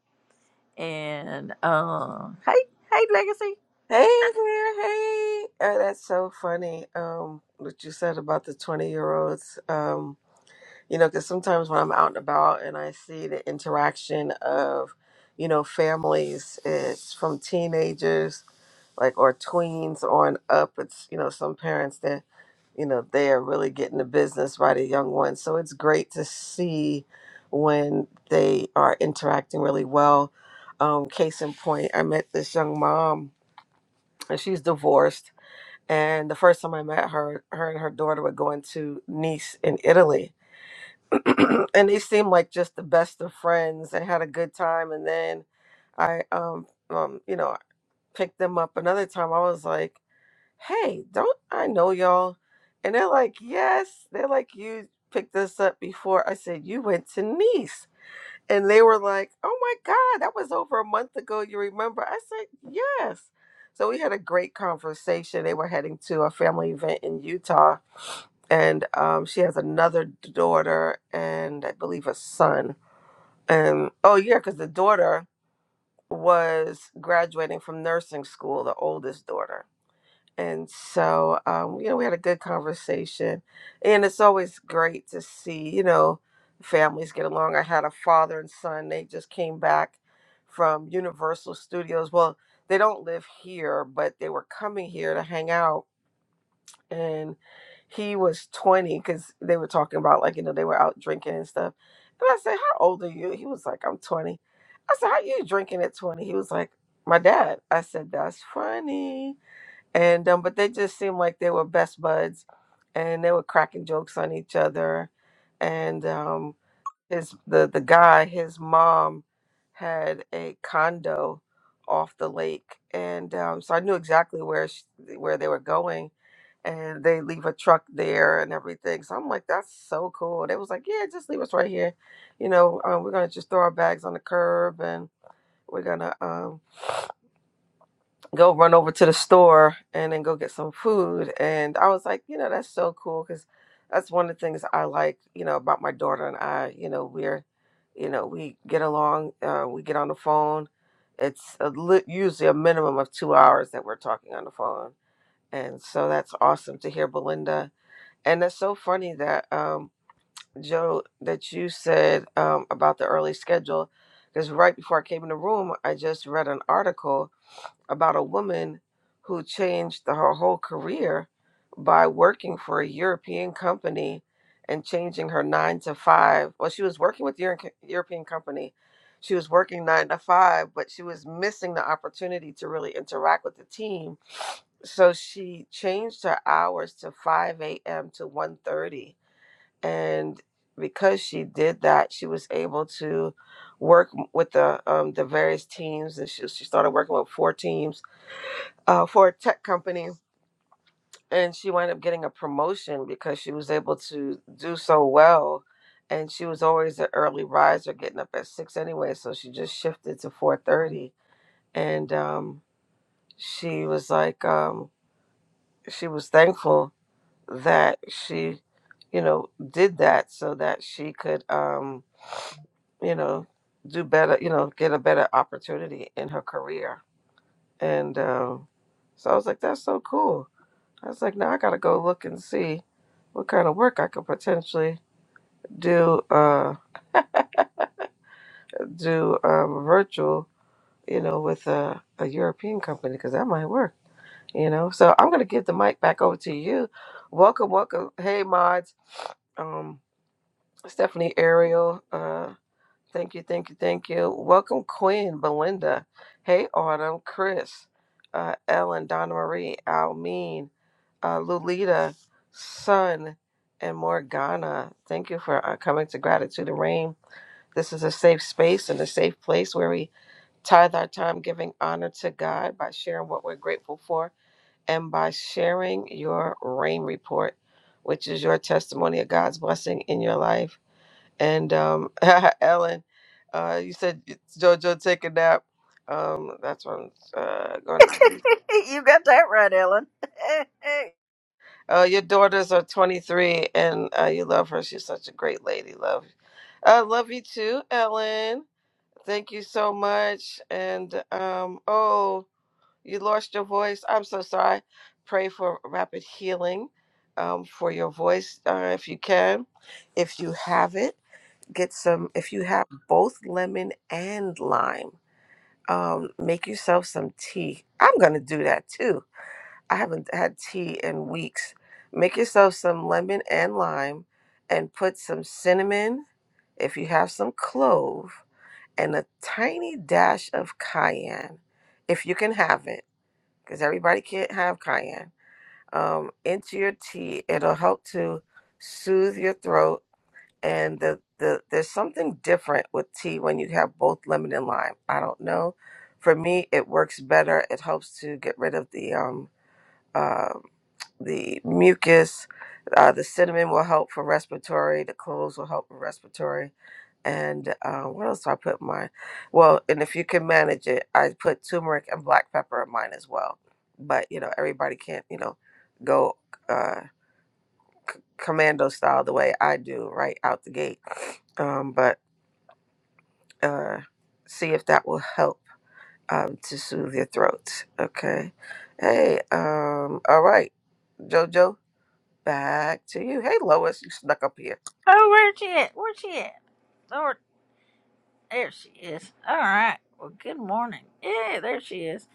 A: And uh, hey, hey, Legacy.
F: Hey there, hey. Oh, that's so funny. Um, what you said about the 20 year olds. Um, you know, because sometimes when I'm out and about and I see the interaction of, you know, families, it's from teenagers, like, or tweens on up. It's, you know, some parents that, you know, they are really getting the business by the young ones. So it's great to see when they are interacting really well. Um, case in point, I met this young mom and she's divorced. And the first time I met her, her and her daughter were going to Nice in Italy. and they seemed like just the best of friends and had a good time. And then I, um, um, you know, picked them up another time. I was like, hey, don't I know y'all? And they're like, yes. They're like, you picked us up before. I said, you went to Nice. And they were like, oh my God, that was over a month ago. You remember? I said, yes. So we had a great conversation. They were heading to a family event in Utah. And um, she has another daughter and I believe a son. And oh, yeah, because the daughter was graduating from nursing school, the oldest daughter. And so, um, you know, we had a good conversation. And it's always great to see, you know, families get along. I had a father and son, they just came back from Universal Studios. Well, they don't live here, but they were coming here to hang out. And he was 20 because they were talking about, like, you know, they were out drinking and stuff. And I said, How old are you? He was like, I'm 20." I said, How you drinking at 20?" He was like, My dad. I said, That's funny and um, but they just seemed like they were best buds, and they were cracking jokes on each other, and um, his the the guy his mom had a condo off the lake, and um, so I knew exactly where sh where they were going, and they leave a truck there and everything. So I'm like, that's so cool. They was like, yeah, just leave us right here, you know, um, we're gonna just throw our bags on the curb and. We're gonna um, go run over to the store and then go get some food. And I was like, you know, that's so cool because that's one of the things I like, you know, about my daughter and I. You know, we're, you know, we get along, uh, we get on the phone. It's a, li- usually a minimum of two hours that we're talking on the phone. And so that's awesome to hear Belinda. And that's so funny that, um, Joe, that you said um, about the early schedule. Because right before I came in the room, I just read an article about a woman who changed her whole career by working for a European company and changing her nine to five. Well, she was working with Euro- European company. She was working nine to five, but she was missing the opportunity to really interact with the team. So she changed her hours to 5 a.m. to one thirty, And because she did that, she was able to work m- with the um, the various teams. And she, she started working with four teams uh, for a tech company, and she wound up getting a promotion because she was able to do so well. And she was always an early riser, getting up at six anyway, so she just shifted to four thirty. And um, she was like, um, she was thankful that she, you know, did that so that she could, um, you know, do better, you know, get a better opportunity in her career. And um, so I was like, that's so cool I was like, now I gotta go look and see what kind of work I could potentially do uh do um virtual, you know, with a, a European company because that might work, you know. So I'm gonna give the mic back over to you. Welcome, welcome. Hey mods, um Stephanie Ariel. uh. Thank you, thank you, thank you. Welcome, Quinn, Belinda. Hey, Autumn, Chris, uh, Ellen, Donna Marie, Almeen, uh, Lulita, Sun, and Morgana. Thank you for uh, coming to Gratitude and Rain. This is a safe space and a safe place where we tithe our time giving honor to God by sharing what we're grateful for and by sharing your rain report, which is your testimony of God's blessing in your life. And um, Ellen, uh, you said it's JoJo take a nap. Um, that's what I'm uh, going to do.
A: you got that right, Ellen.
F: Uh, your daughters are 23, and uh, you love her. She's such a great lady. Love, I love you too, Ellen. Thank you so much. And um, oh, you lost your voice. I'm so sorry. Pray for rapid healing um, for your voice uh, if you can. If you have it, get some. If you have both lemon and lime um, make yourself some tea. I'm gonna do that too. I haven't had tea in weeks. Make yourself some lemon and lime, and put some cinnamon, if you have some clove, and a tiny dash of cayenne, if you can have it, because everybody can't have cayenne. Um, into your tea, it'll help to soothe your throat and the the there's something different with tea when you have both lemon and lime. I don't know. For me, it works better. It helps to get rid of the um uh, the mucus. Uh, the cinnamon will help for respiratory. The cloves will help for respiratory. And uh, what else do I put in mine? Well, and if you can manage it, I put turmeric and black pepper in mine as well. But you know, everybody can't you know go. uh, commando style the way I do right out the gate. Um, but uh, see if that will help um, to soothe your throat. Okay. Hey, um, all right, JoJo, back to you. Hey, Lois, you snuck up here.
A: oh, where's she at? Where's she at? Lord, there she is. All right. Well, good morning. Yeah, there she is.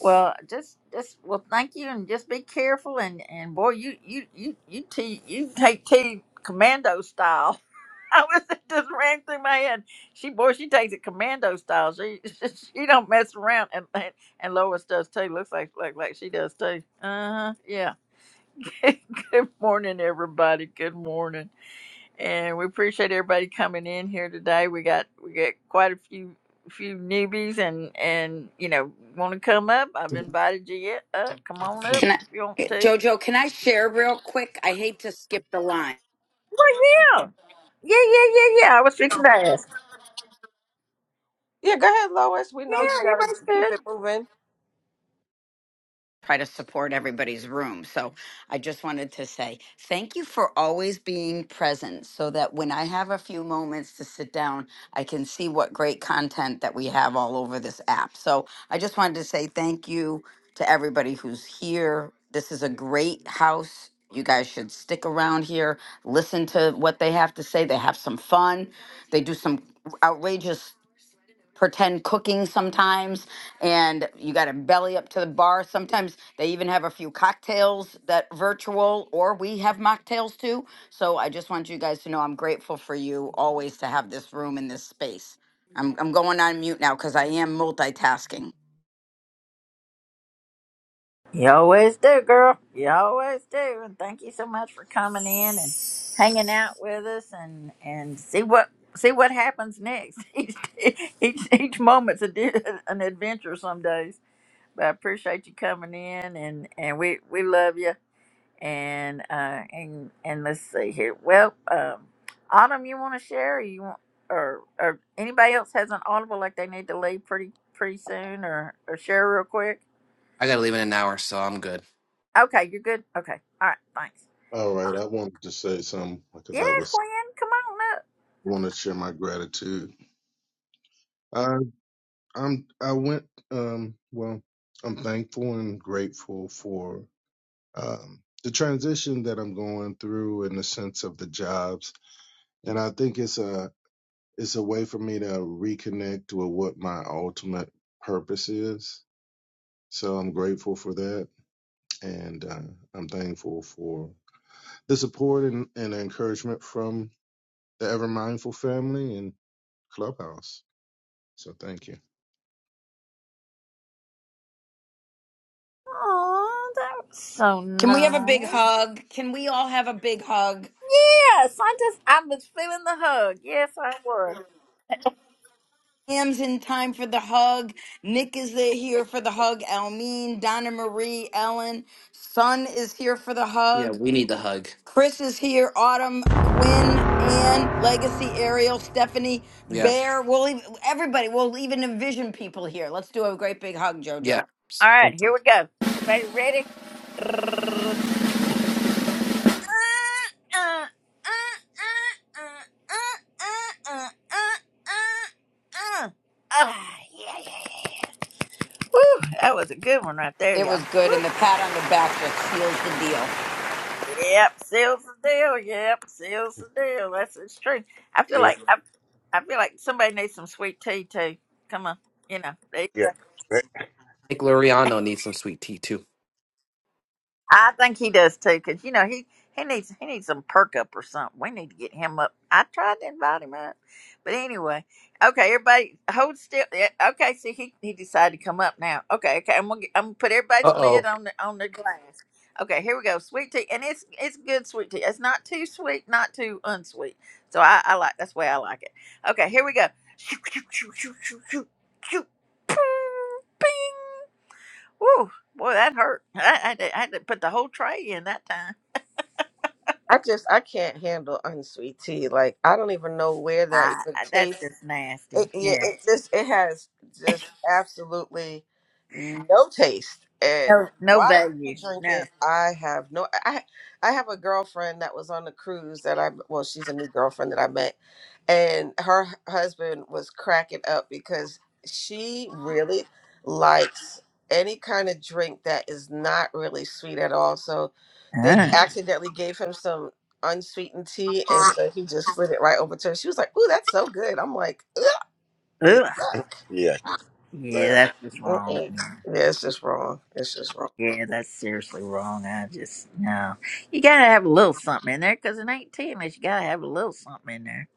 A: Well, just, just, well, thank you, and just be careful, and, and boy, you, you, you, you, t- you take tea commando style. I was it just ran through my head. She, boy, she takes it commando style. She, she don't mess around, and and, and Lois does too. Looks like, like, like she does too. Uh huh. Yeah. Good morning, everybody. Good morning, and we appreciate everybody coming in here today. We got we got quite a few few newbies, and and you know want to come up. I've
G: Can
A: invited you yet. Up, come on up
G: I,
A: if you want to.
G: Jojo, can I share real quick? I hate to skip the line,
A: Well, yeah, yeah, yeah, yeah, yeah. I was fixing to ask.
F: Yeah, go ahead, Lois. We know
A: Yeah,
F: you gotta
A: everybody's good.
F: keep it moving.
G: try to support everybody's room. So I just wanted to say thank you for always being present so that when I have a few moments to sit down, I can see what great content that we have all over this app. So I just wanted to say thank you to everybody who's here. This is a great house. You guys should stick around here, listen to what they have to say. They have some fun, they do some outrageous pretend cooking sometimes and you got to belly up to the bar sometimes they even have a few cocktails that virtual or we have mocktails too so i just want you guys to know i'm grateful for you always to have this room and this space i'm, I'm going on mute now because i am multitasking
A: You always do, girl. You always do. And thank you so much for coming in and hanging out with us and and see what see what happens next. Each each, each moment's a, di- an adventure some days. But I appreciate you coming in and and we we love you. And uh and and let's see here. Well, um Autumn, you want to share or you want or or anybody else has an audible like they need to leave pretty pretty soon or or share real quick?
H: I gotta leave in an hour, so I'm good.
A: Okay, you're good? Okay. All right, thanks.
I: All right, I wanted to say something because
A: Yeah,
I: I was
A: Quinn, come on up.
I: want to share my gratitude. I I'm I went um well I'm thankful and grateful for um the transition that I'm going through in the sense of the jobs, and I think it's a it's a way for me to reconnect with what my ultimate purpose is. So I'm grateful for that, and uh, I'm thankful for the support and, and encouragement from the Ever Mindful family and Clubhouse. So thank you.
A: Oh, that was so
G: can we have a
A: nice.
G: big hug can we all have a big hug
A: Yes, I just, I was feeling the hug. Yes, I was.
G: Am's in time for the hug. Nick is there here for the hug. Almeen, Donna Marie, Ellen. Son is here for the
H: Yeah,
G: hug.
H: we need the hug.
G: Chris is here. Autumn, Quinn, Ann, Legacy, Ariel, Stephanie,
H: Yeah,
G: Bear. We'll even, everybody. We'll even envision people here. Let's do a great big hug,
H: yeah.
G: Jojo.
A: All
H: I
A: right, here we go. Everybody ready? Ah, yeah, yeah, yeah. yeah. Woo, that was a good one right there,
G: It was
A: y'all.
G: good,
A: Woo.
G: and the pat on the back just seals the deal.
A: Yep, seals the deal. Yep, seals the deal. That's it's true. I feel
J: You know,
A: like I, I feel like somebody needs some sweet tea too. Come on, you know.
J: yeah, that-
H: think Luriano needs some sweet tea too.
A: I think he does too, because you know he he needs he needs some perk up or something. We need to get him up. I tried to invite him up, but anyway, okay, everybody hold still. Yeah, Okay, see he he decided to come up now. Okay, okay, I'm gonna get, I'm gonna put
H: Uh
A: everybody's lid
H: oh.
A: on the on the glass. Okay, here we go, sweet tea, and it's it's good sweet tea. It's not too sweet, not too unsweet. So I, I like that's the way I like it. Okay, here we go. Shoo, shoo, shoo, shoo, shoo, shoo, shoo. Ping, ping. Woo, boy, that hurt. I, I, had to, I had to put the whole tray in that time.
F: I just I can't handle unsweet tea. Like I don't even know where that
A: I,
F: even
A: I, that's
F: tastes.
A: just nasty.
F: It, yeah,
A: Yeah.
F: it just it has just absolutely no taste. And
A: No, no
F: why
A: value.
F: people drink
A: No.
F: it, I have no. I I have a girlfriend that was on the cruise that I well, she's a new girlfriend that I met, and her h- husband was cracking up because she really likes any kind of drink that is not really sweet at all. So they Mhm.
A: Uh,
F: accidentally gave him some unsweetened tea and so he just slid it right over to her. She was like, Ooh, that's so good. I'm like, Yuck.
A: ugh.
J: yeah.
A: Yeah,
J: That,
A: that's just wrong.
F: Mm-mm. Yeah, it's just wrong. It's just wrong.
A: Yeah, that's seriously wrong. I just no. You gotta have a little something in there because it ain't tennis. You gotta have a little something in there.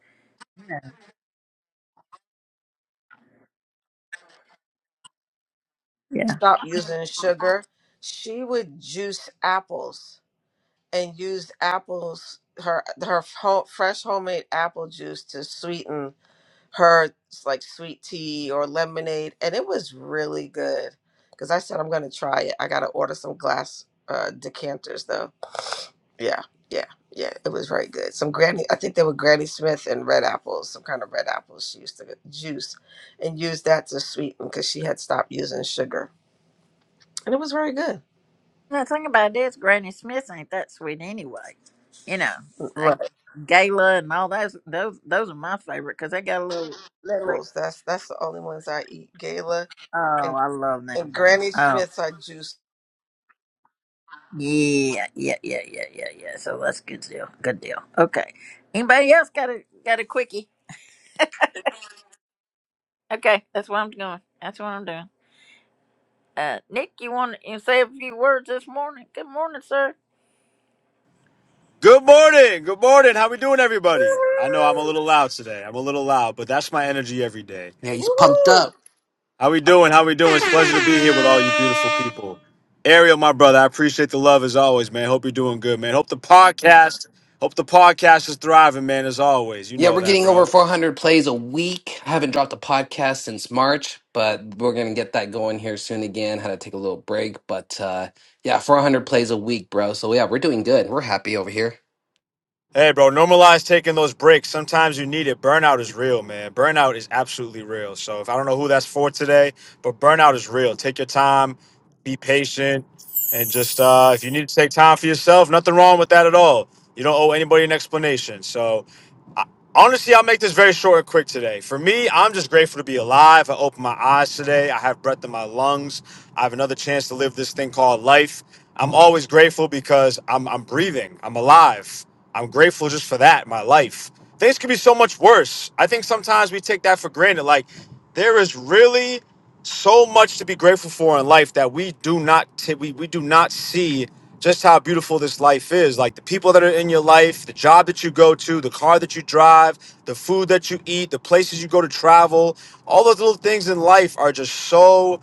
A: Yeah.
F: Stop using sugar. She would juice apples and use apples her her ho- fresh homemade apple juice to sweeten her like sweet tea or lemonade, and it was really good. Because I said I'm gonna try it. I gotta order some glass uh, decanters though. Yeah, yeah, yeah. It was very good. Some Granny, I think they were Granny Smith and red apples, some kind of red apples she used to get- juice, and use that to sweeten because she had stopped using sugar, and it was very good.
A: The thing about this, Granny Smith ain't that sweet anyway. You know, I,
F: Right.
A: Gala and all those those those are my favorite because they got a little little.
F: Apples. That's that's the only ones I eat. Gala
A: Oh,
F: and
A: I love them
F: and
A: things.
F: Granny
A: Oh.
F: Smiths I juice.
A: Yeah, yeah, yeah, yeah, yeah, yeah. So that's good deal. Good deal. Okay. Anybody else got a got a quickie? Okay, that's what I'm doing. That's what I'm doing. Uh, Nick, you want to say a few words this morning? Good morning, sir.
K: Good morning. Good morning. How we doing, everybody? I know I'm a little loud today. I'm a little loud, but that's my energy every day.
H: Yeah, he's pumped
F: Woo!
H: up.
K: How we doing? How we doing? It's a pleasure to be here with all you beautiful people. Ariel, my brother, I appreciate the love as always, man. Hope you're doing good, man. Hope the podcast, hope the podcast is thriving, man. As always, you
H: Yeah,
K: know
H: we're
K: that,
H: getting
K: bro.
H: over 400 plays a week. I haven't dropped a podcast since March, but we're gonna get that going here soon again. Had to take a little break, but uh, yeah, 400 plays a week, bro. So yeah, we're doing good. We're happy over here.
K: Hey, bro, normalize taking those breaks. Sometimes you need it. Burnout is real, man. Burnout is absolutely real. So, if I don't know who that's for today, but burnout is real. Take your time, be patient, and just uh, if you need to take time for yourself, nothing wrong with that at all. You don't owe anybody an explanation. So, Honestly, I'll make this very short and quick today. For me, I'm just grateful to be alive. I opened my eyes today. I have breath in my lungs. I have another chance to live this thing called life. I'm always grateful because I'm, I'm breathing. I'm alive. I'm grateful just for that, my life. Things could be so much worse. I think sometimes we take that for granted. Like, there is really so much to be grateful for in life that we do not t- we, we do not see just how beautiful this life is like the people that are in your life the job that you go to the car that you drive the food that you eat the places you go to travel all those little things in life are just so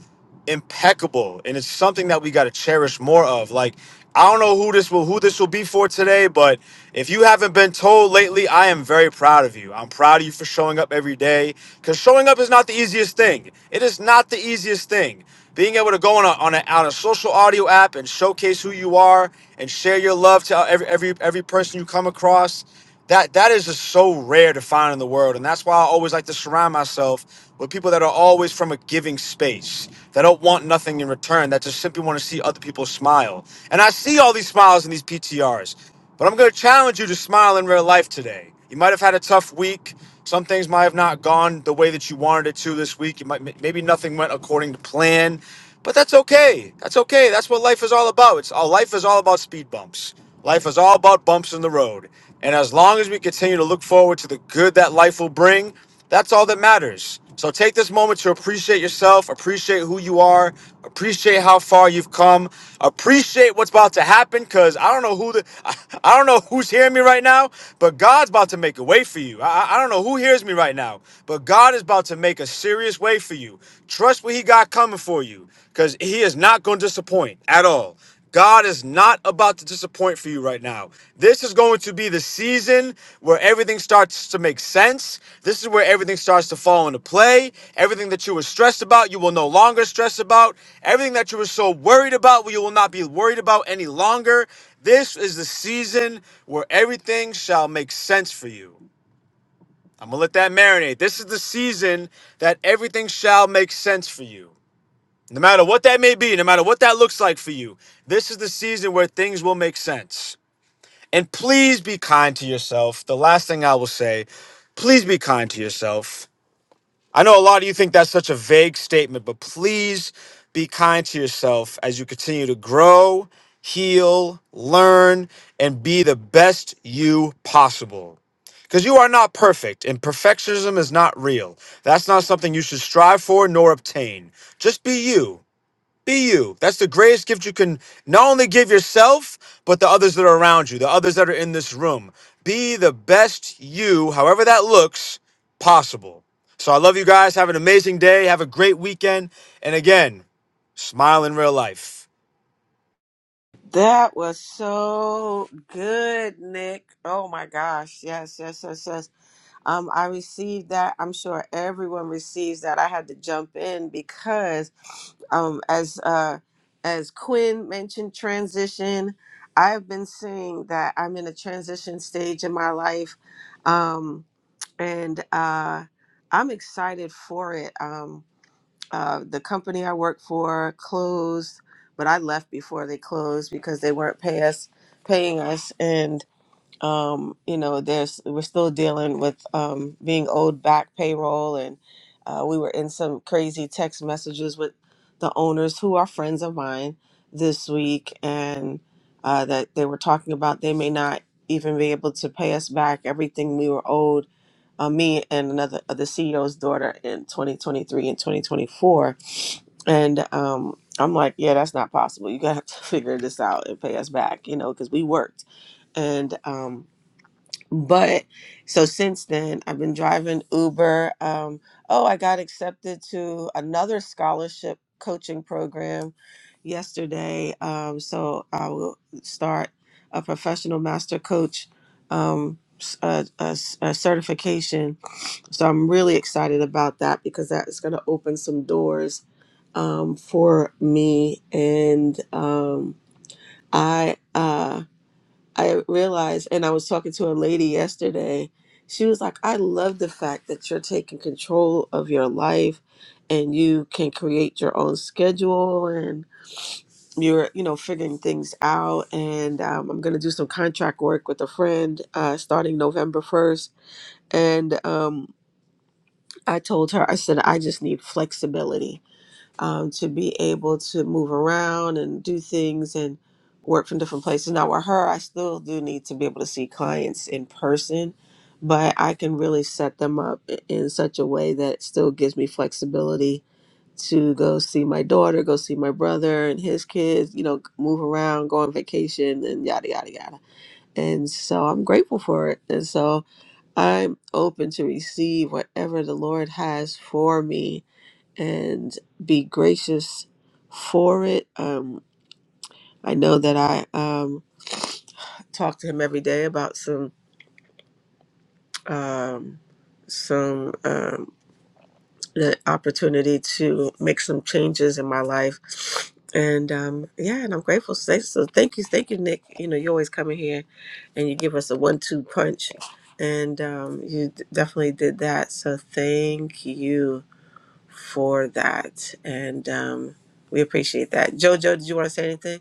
K: impeccable and it's something that we got to cherish more of like i don't know who this will who this will be for today but if you haven't been told lately i am very proud of you i'm proud of you for showing up every day because showing up is not the easiest thing it is not the easiest thing being able to go on a, on a on a social audio app and showcase who you are and share your love to every every every person you come across that that is just so rare to find in the world and that's why i always like to surround myself with people that are always from a giving space that don't want nothing in return that just simply want to see other people smile and i see all these smiles in these ptrs but i'm going to challenge you to smile in real life today you might have had a tough week some things might have not gone the way that you wanted it to this week you might maybe nothing went according to plan but that's okay that's okay that's what life is all about it's all life is all about speed bumps Life is all about bumps in the road. And as long as we continue to look forward to the good that life will bring, that's all that matters. So take this moment to appreciate yourself, appreciate who you are, appreciate how far you've come, appreciate what's about to happen cuz I don't know who the I, I don't know who's hearing me right now, but God's about to make a way for you. I, I I don't know who hears me right now, but God is about to make a serious way for you. Trust what he got coming for you cuz he is not going to disappoint at all. God is not about to disappoint for you right now. This is going to be the season where everything starts to make sense. This is where everything starts to fall into play. Everything that you were stressed about, you will no longer stress about. Everything that you were so worried about, well, you will not be worried about any longer. This is the season where everything shall make sense for you. I'm going to let that marinate. This is the season that everything shall make sense for you. No matter what that may be, no matter what that looks like for you, this is the season where things will make sense. And please be kind to yourself. The last thing I will say, please be kind to yourself. I know a lot of you think that's such a vague statement, but please be kind to yourself as you continue to grow, heal, learn, and be the best you possible. Because you are not perfect, and perfectionism is not real. That's not something you should strive for nor obtain. Just be you. Be you. That's the greatest gift you can not only give yourself, but the others that are around you, the others that are in this room. Be the best you, however that looks, possible. So I love you guys. Have an amazing day. Have a great weekend. And again, smile in real life.
F: That was so good, Nick. Oh my gosh. Yes, yes, yes, yes. Um, I received that. I'm sure everyone receives that. I had to jump in because um as uh as Quinn mentioned transition, I've been saying that I'm in a transition stage in my life. Um and uh I'm excited for it. Um uh, the company I worked for closed, but I left before they closed because they weren't pay us, paying us. And um, you know, there's we're still dealing with um, being owed back payroll, and uh, we were in some crazy text messages with the owners who are friends of mine this week, and uh, that they were talking about they may not even be able to pay us back everything we were owed. Uh, me and another uh, the CEO's daughter in 2023 and 2024, and um, I'm like, yeah, that's not possible. You gotta have to figure this out and pay us back, you know, because we worked and. Um, but so since then, I've been driving Uber. Um, oh, I got accepted to another scholarship coaching program yesterday. Um, so I will start a professional master coach um, s- uh uh, s- uh, certification. So I'm really excited about that because that is going to open some doors um, for me. And um, I. uh, I realized, and I was talking to a lady yesterday. She was like, I love the fact that you're taking control of your life and you can create your own schedule and you're, you know, figuring things out. And um, I'm going to do some contract work with a friend uh, starting November 1st. And um, I told her, I said, I just need flexibility um, to be able to move around and do things and work from different places. Now, with her, I still do need to be able to see clients in person, but I can really set them up i- in such a way that it still gives me flexibility to go see my daughter, go see my brother and his kids, you know, move around, go on vacation, and yada, yada, yada. And so I'm grateful for it. And so I'm open to receive whatever the Lord has for me and be gracious for it. Um, I know that I um, talk to him every day about some um, some um, the opportunity to make some changes in my life. And um, yeah, and I'm grateful. So so thank you, thank you, Nick. You know, you always come in here and you give us a one-two punch, and um, you d- definitely did that. So thank you for that. And um, we appreciate that. JoJo, did you want to say anything?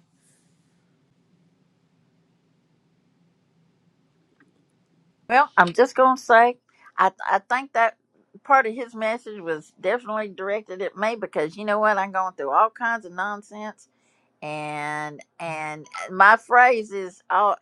A: Well, I'm just gonna say, I I think that part of his message was definitely directed at me because you know what? I'm going through all kinds of nonsense and and uh, my phrase is oh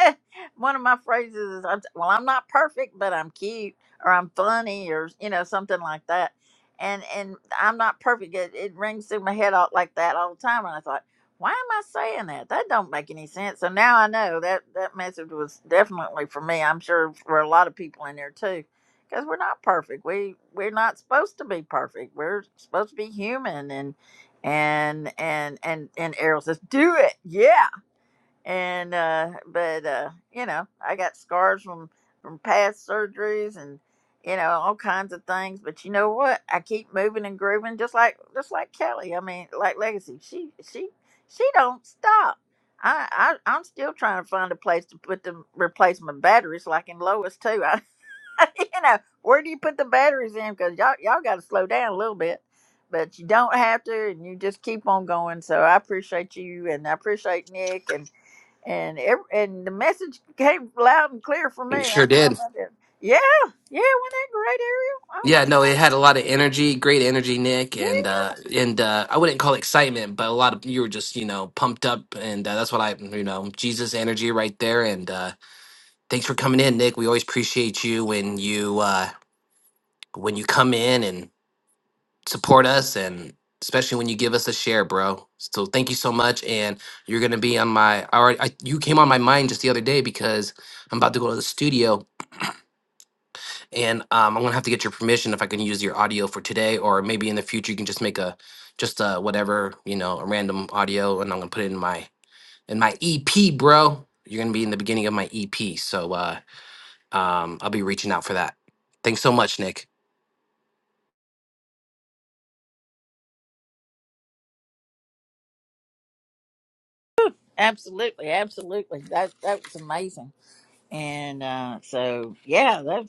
A: one of my phrases is I'm- well i'm not perfect but i'm cute or i'm funny or you know something like that and and i'm not perfect it, it rings through my head all, like that all the time and i thought why am i saying that that don't make any sense so now i know that that message was definitely for me i'm sure for a lot of people in there too because we're not perfect we we're not supposed to be perfect we're supposed to be human and and and and Errol says, "Do it, yeah." And uh, but uh, you know, I got scars from from past surgeries and you know all kinds of things. But you know what? I keep moving and grooving, just like just like Kelly. I mean, like Legacy. She she she don't stop. I, I I'm still trying to find a place to put the replacement batteries, like in Lois too. you know, where do you put the batteries in? Because y'all y'all got to slow down a little bit, but you don't have to, and you just keep on going. So I appreciate you, and I appreciate Nick, and and every, and the message came loud and clear for me.
H: You
A: I
H: sure
A: don't know
H: did.
A: about that. Yeah, yeah, wasn't that great, Ariel? Oh
H: Yeah,
A: my God!
H: no, it had a lot of energy, great energy, Nick, and
A: Yeah.
H: uh and uh I wouldn't call it excitement, but a lot of you were just, you know, pumped up and uh, that's what I, you know, Jesus energy right there and uh thanks for coming in, Nick. We always appreciate you when you uh when you come in and support us and especially when you give us a share, bro. So thank you so much and you're going to be on my I already I, you came on my mind just the other day because I'm about to go to the studio and um, I'm gonna have to get your permission if I can use your audio for today, or maybe in the future you can just make a just uh whatever you know a random audio, and I'm gonna put it in my in my EP, bro. You're gonna be in the beginning of my EP, so uh, um, I'll be reaching out for that. Thanks so much, Nick.
A: Absolutely, absolutely. That that was amazing. And uh, so yeah, that's.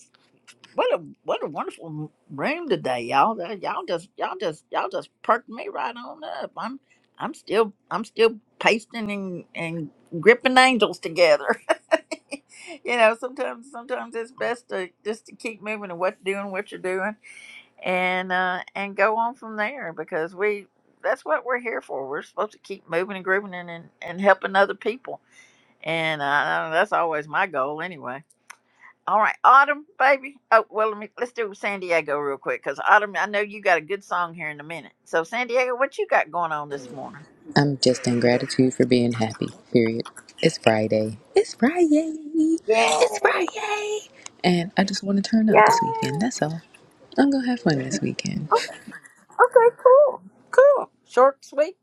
A: What a what a wonderful room today, y'all. Uh, Y'all just y'all just y'all just perked me right on up. I'm I'm still I'm still pasting and and gripping angels together. you know, sometimes sometimes it's best to just to keep moving and what doing what you're doing and uh and go on from there because we that's what we're here for. We're supposed to keep moving and grooving and and, and helping other people. And uh, that's always my goal anyway all right, Autumn, baby. Oh, well, let me let's do San Diego real quick because Autumn, I know you got a good song here in a minute. So, San Diego, what you got going on this morning?
L: I'm just in gratitude for being happy, period. It's Friday. It's Friday. It's Friday. And I just want to turn up this weekend. That's all. I'm going to have fun this weekend.
A: Okay, okay, cool, cool, short, sweet.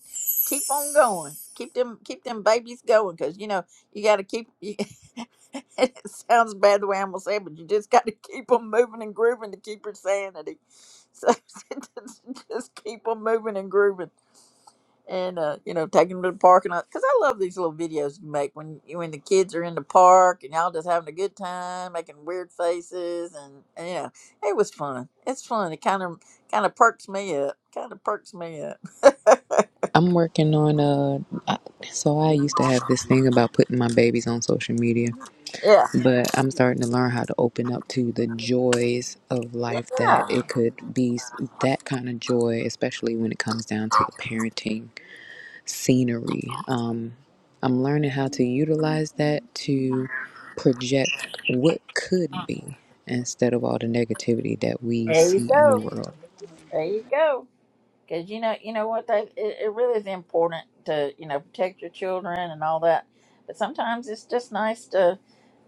A: Keep on going. Keep them, keep them babies going because you know you got to keep. You, it sounds bad the way I'm gonna say it, but you just got to keep them moving and grooving to keep your sanity. So just keep them moving and grooving. and uh, you know, taking them to the park and because I love these little videos you make when you when the kids are in the park and y'all just having a good time, making weird faces, and, and you know, it was fun. It's fun. It kind of kind of perks me up. Kind of perks me up.
L: I'm working on uh so I used to have this thing about putting my babies on social media,
A: yeah.
L: but I'm starting to learn how to open up to the joys of life that
A: Yeah.
L: it could be that kind of joy, especially when it comes down to the parenting scenery. Um, I'm learning how to utilize that to project what could be instead of all the negativity that we
A: There you
L: see in the
A: go.
L: world.
A: There you go. because you know you know what they it, it really is important to you know protect your children and all that but sometimes it's just nice to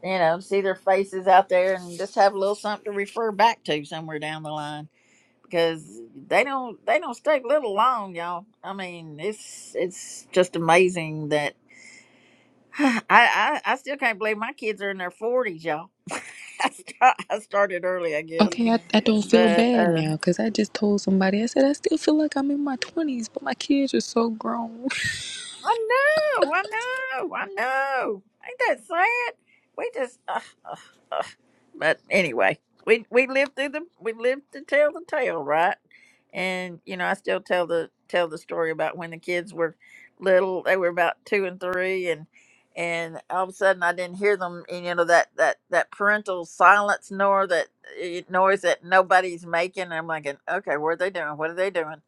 A: you know see their faces out there and just have a little something to refer back to somewhere down the line because they don't they don't stay little long y'all i mean it's it's just amazing that I, I i still can't believe my kids are in their 40s y'all I, st- I started early i guess
L: Okay, I, I don't feel
A: but
L: bad
A: uh
L: now because I just told somebody, I said, I still feel like I'm in my 20s, but my kids are so grown.
A: I know, I know, I know. Ain't that sad? We just, uh, uh, but anyway, we we lived through the we lived to tell the tale, right? And you know, I still tell the tell the story about when the kids were little. They were about two and three, and and all of a sudden, I didn't hear them. And you know that that that parental silence nor that eh, noise that nobody's making. I'm like, okay, what are they doing? What are they doing?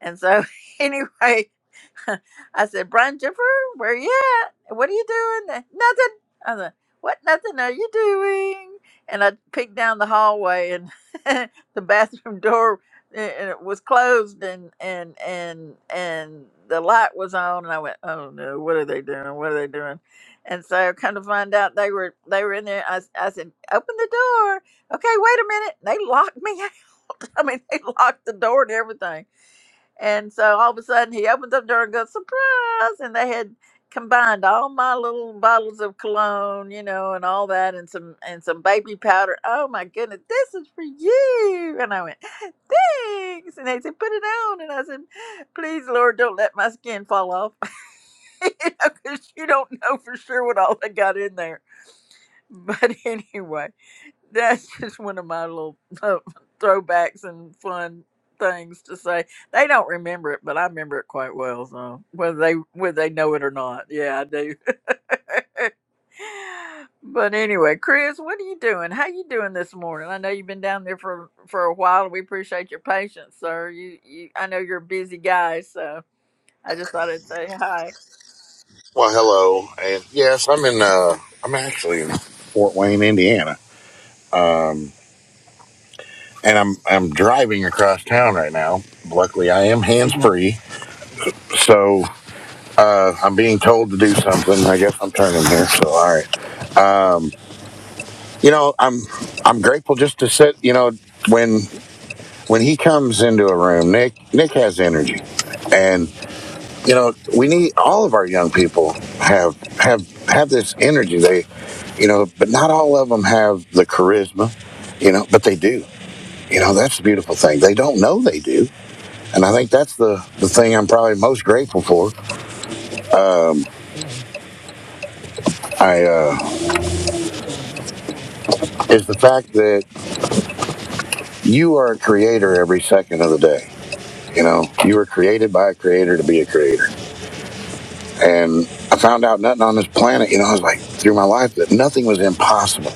A: And so, anyway, I said, Brian Jennifer, where you at? What are you doing? Nothing. I said, what nothing are you doing? And I peeked down the hallway and the bathroom door eh, and was closed and and and and the light was on and I went, oh no, what are they doing? What are they doing? And so come to find out they were they were in there. I, s- I said, open the door. Okay, wait a minute. They locked me out. I mean, they locked the door and everything. And so all of a sudden he opens up the door and goes, surprise. And they had combined all my little bottles of cologne, you know, and all that and some and some baby powder. Oh my goodness, this is for you. And I went, Thanks. And they said, Put it on. And I said, Please, Lord, don't let my skin fall off. you know, because you don't know for sure what all they got in there. But anyway that's just one of my little uh, throwbacks and fun things to say. They don't remember it, but I remember it quite well. So whether they whether they know it or not, yeah, I do. but anyway, Chris, what are you doing? How you doing this morning? I know you've been down there for for a while. We appreciate your patience, sir. You, you I know you're a busy guy, so I just thought I'd say hi.
J: well, hello, and yes, I'm in. Uh, I'm actually in Fort Wayne, Indiana, and I'm I'm driving across town right now. Luckily, I am hands free, so uh, I'm being told to do something. I guess I'm turning here. So, all right. You know, I'm I'm grateful just to sit. You know, when when he comes into a room, Nick Nick has energy, you know we need all of our young people have have have this energy they you know but not all of them have the charisma you know but they do you know that's the beautiful thing they don't know they do and i think that's the the thing i'm probably most grateful for i uh is the fact that you are a creator every second of the day you know you were created by a creator to be a creator and i found out nothing on this planet you know i was like through my life that nothing was impossible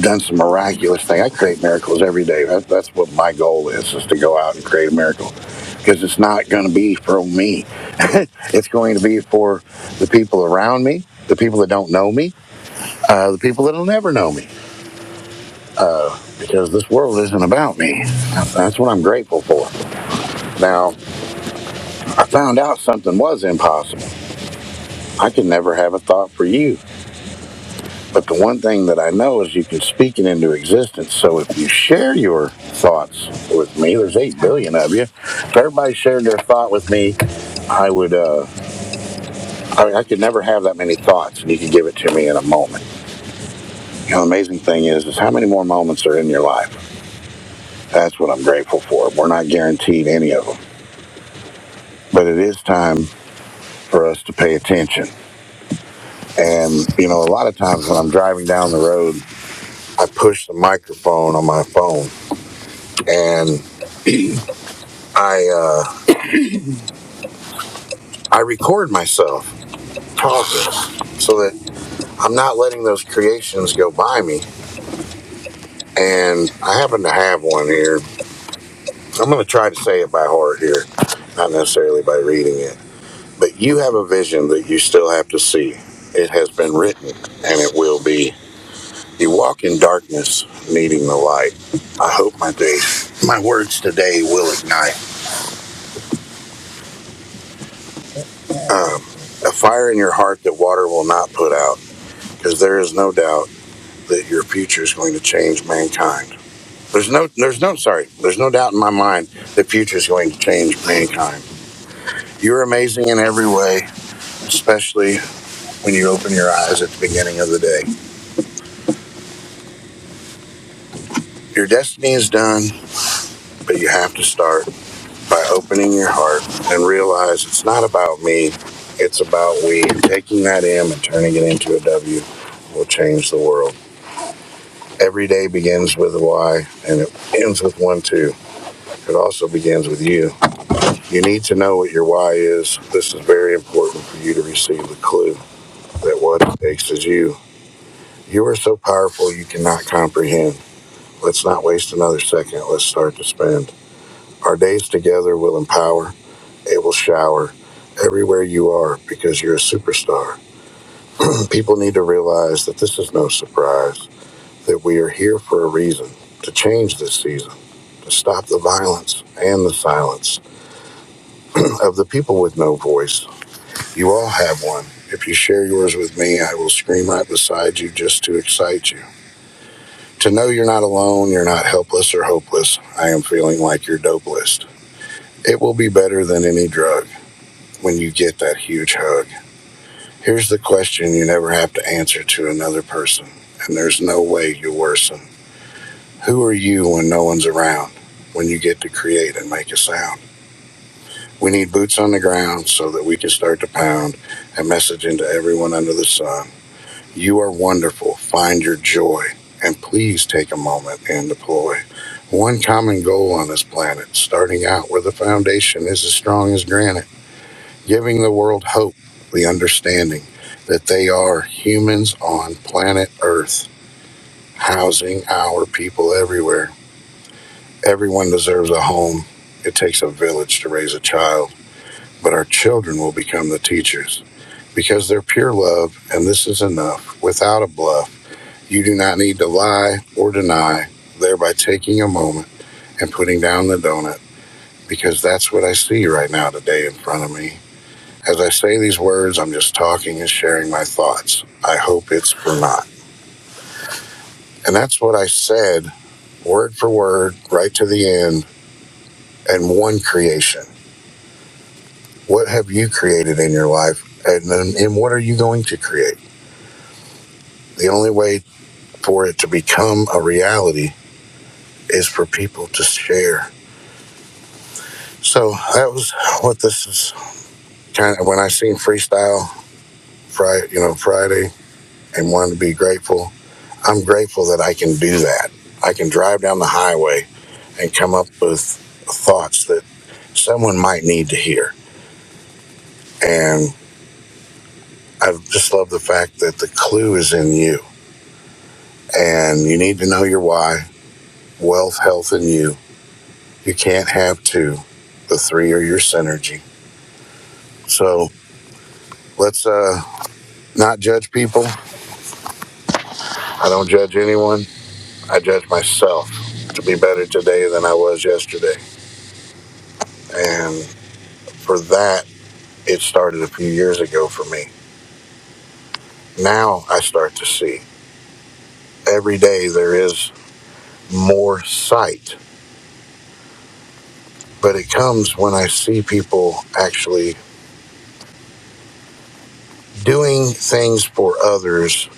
J: done some miraculous thing. I create miracles every day. That, that's what my goal is, is to go out and create a miracle. Because it's not going to be for me. it's going to be for the people around me, the people that don't know me, uh, the people that'll never know me. Because this world isn't about me. That's what I'm grateful for. Now, I found out something was impossible. I could never have a thought for you. But the one thing that I know is you can speak it into existence. So if you share your thoughts with me, there's eight billion of you. If everybody shared their thought with me, I would, uh, I, I could never have that many thoughts, and you could give it to me in a moment. You know, the amazing thing is, is how many more moments are in your life. That's what I'm grateful for. We're not guaranteed any of them, but it is time for us to pay attention. And you know, a lot of times when I'm driving down the road, I push the microphone on my phone, and I. uh, I record myself talking so that I'm not letting those creations go by me. And I happen to have one here. I'm going to try to say it by heart here, not necessarily by reading it. But you have a vision that you still have to see. It has been written and it will be. You walk in darkness, needing the light. I hope my day, my words today will ignite um, a fire in your heart that water will not put out, because there is no doubt that your future is going to change mankind. There's no, there's no, sorry, there's no doubt in my mind the future is going to change mankind. You're amazing in every way, especially when you open your eyes at the beginning of the day. Your destiny is done, but you have to start by opening your heart and realize it's not about me, it's about we. Taking that M and turning it into a W will change the world. Every day begins with a Y and it ends with one, too. It also begins with you. You need to know what your why is. This is very important for you to receive the clue that what it takes is you. You are so powerful you cannot comprehend. Let's not waste another second. Let's start to spend. Our days together will empower, it will shower everywhere you are because you're a superstar. And People need to realize that this is no surprise, that we are here for a reason to change this season to stop the violence and the silence of the people with no voice You all have one. If you share yours with me, I will scream right beside you just to excite you. To know you're not alone, you're not helpless or hopeless, I am feeling like your dope list. It will be better than any drug when you get that huge hug. Here's the question you never have to answer to another person, and there's no way you worsen. Who are you when no one's around? When you get to create and make a sound? We need boots on the ground so that we can start to pound a message into everyone under the sun. You are wonderful. Find your joy. And please take a moment and deploy one common goal on this planet, starting out where the foundation is as strong as granite, giving the world hope, the understanding that they are humans on planet Earth, housing our people everywhere. Everyone deserves a home. It takes a village to raise a child, but our children will become the teachers because they're pure love, and this is enough without a bluff You do not need to lie or deny, thereby taking a moment and putting down the donut, because that's what I see right now today in front of me. As I say these words, I'm just talking and sharing my thoughts. I hope it's for naught, And that's what I said, word for word, right to the end, and one creation. What have you created in your life? And then, and what are you going to create? The only way for it to become a reality is for people to share. So that was what this is Kind of when I seen freestyle Friday, you know, Friday, and wanted to be grateful. I'm grateful that I can do that. I can drive down the highway and come up with thoughts that someone might need to hear. And I just love the fact that the clue is in you and you need to know your why, wealth, health, and you. You can't have two. The three are your synergy. So let's uh, not judge people. I don't judge anyone. I judge myself to be better today than I was yesterday. And for that, it started a few years ago for me. Now I start to see every day there is more sight, but it comes when I see people actually doing things for others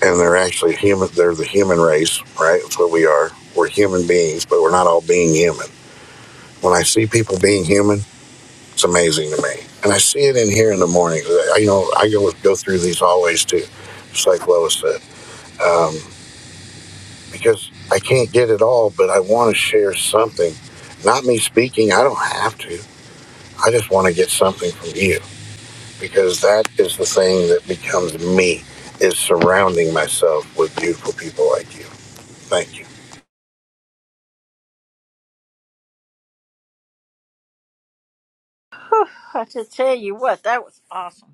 J: and they're actually human. They're the human race, right? That's what we are. We're human beings, but we're not all being human. When I see people being human, It's amazing to me. And I see it in here in the morning. I, you know, I go go through these always too, just like Lois said, um, because I can't get it all, but I want to share something. Not me speaking. I don't have to. I just want to get something from you because that is the thing that becomes me is surrounding myself with beautiful people like you. Thank you.
A: I just tell you what, that was awesome.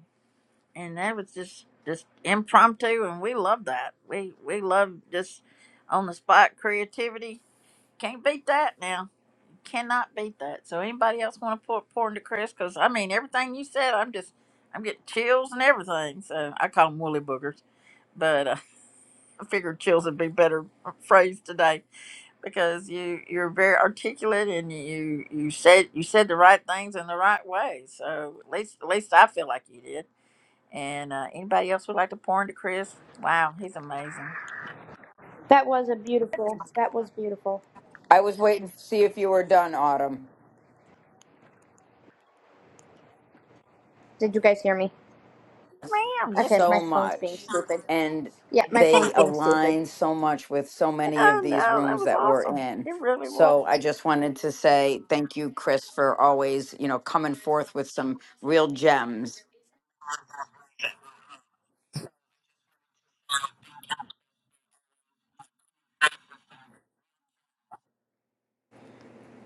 A: and that was just just impromptu and we love that we we love just on the spot creativity can't beat that now cannot beat that so anybody else want to pour, pour into chris because i mean everything you said i'm just i'm getting chills and everything so i call them woolly boogers but uh, i figured chills would be a better phrase today because you you're very articulate and you you said you said the right things in the right way so at least at least i feel like you did and uh, anybody else would like to pour into Chris? Wow, he's amazing.
M: That was a beautiful. That was beautiful.
G: I was waiting to see if you were done, Autumn.
M: Did you guys hear me?
A: Ma'am, yes,
M: Okay, my
G: So
M: phone's being
G: much,
M: stupid.
G: and
M: Yeah, my
G: they
M: phone's being stupid.
G: align so much with so many of
A: ma'am.
G: these
A: No, that
G: rooms
A: was
G: that we're
A: awesome.
G: in.
A: It really was.
G: So I just wanted to say thank you, Chris, for always, you know, coming forth with some real gems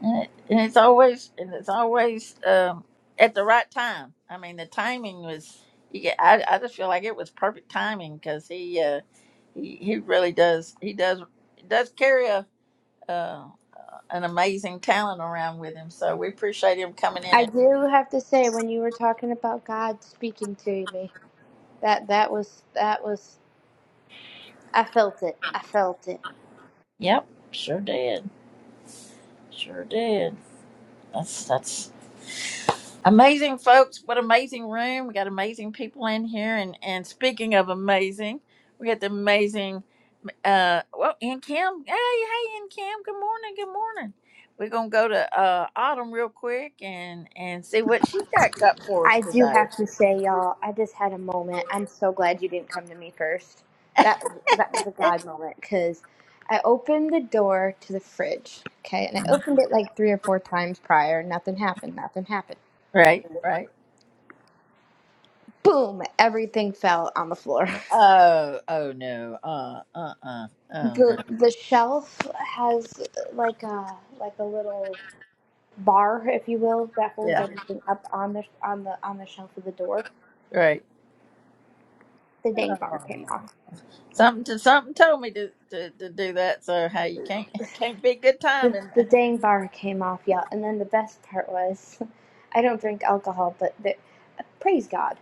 A: And, it, and it's always and it's always um, at the right time. I mean, the timing was. You get, I, I just feel like it was perfect timing because he, uh, he he really does he does does carry a uh, an amazing talent around with him. So we appreciate him coming in.
M: I
A: And,
M: do have to say when you were talking about God speaking to me, that that was that was I felt it. I felt it.
A: yep, sure did, sure did. That's that's Amazing folks, what amazing room. We got amazing people in here and and speaking of amazing, we got the amazing uh well and Kim. Hey, hey and Kim, good morning, good morning. We're gonna go to uh Autumn real quick and and see what she's got up for us
M: I do
A: today.
M: have to say y'all, I just had a moment. I'm so glad you didn't come to me first. That that was a God moment cuz I opened the door to the fridge, okay? And I opened it like 3 or 4 times prior, nothing happened, nothing happened.
A: Right, right.
M: boom, everything fell on the floor.
A: Oh, oh no. Uh uh uh. Oh no.
M: The the shelf has like a like a little bar, if you will, that holds
A: Yeah,
M: everything up on the on the on the shelf of the door.
A: right.
M: The
A: Oh.
M: dang bar came off.
A: Something to something told me to, to, to do that, so hey, you can't can't be good
M: The
A: timing.
M: the dang bar came off, yeah. And then the best part was, I don't drink alcohol, but the, praise God,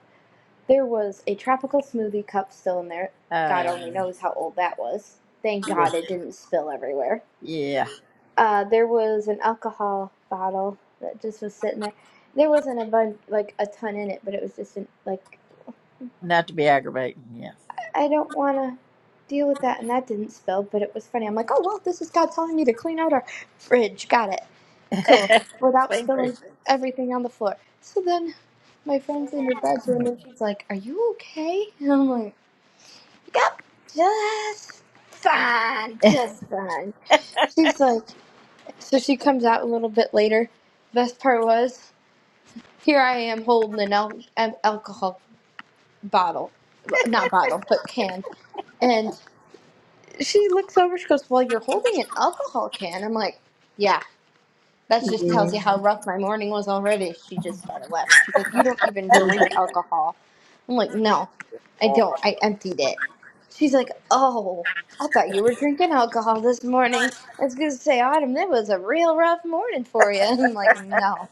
M: there was a tropical smoothie cup still in there. God only
A: Um
M: knows how old that was. Thank
A: yeah.
M: God it didn't spill everywhere.
A: Yeah,
M: uh, there was an alcohol bottle that just was sitting there. There wasn't a bun like a ton in it, but it was just an, like
A: not to be aggravating. Yeah.
M: I don't want to deal with that, and that didn't spill, but it was funny. I'm like, oh well, this is God telling me to clean out our fridge. Got it, cool, without
A: Thank you.
M: spilling everything on the floor. So then my friend's in her bedroom, and she's like, "Are you okay?" And I'm like, "Yep, just fine,
A: Yeah.
M: just fine." She's like, so she comes out a little bit later. Best part was. Here I am holding an al- alcohol bottle, Well, not bottle, but can. And she looks over, she goes, Well, you're holding an alcohol can. I'm like, Yeah, that just tells you how rough my morning was already. She just started laughing. She's like, You don't even drink alcohol. I'm like, No, I
A: Well,
M: don't. I emptied it. She's like, Oh, I thought you were drinking alcohol this morning. I was going to say, Autumn, that was a real rough morning for you. I'm like, No.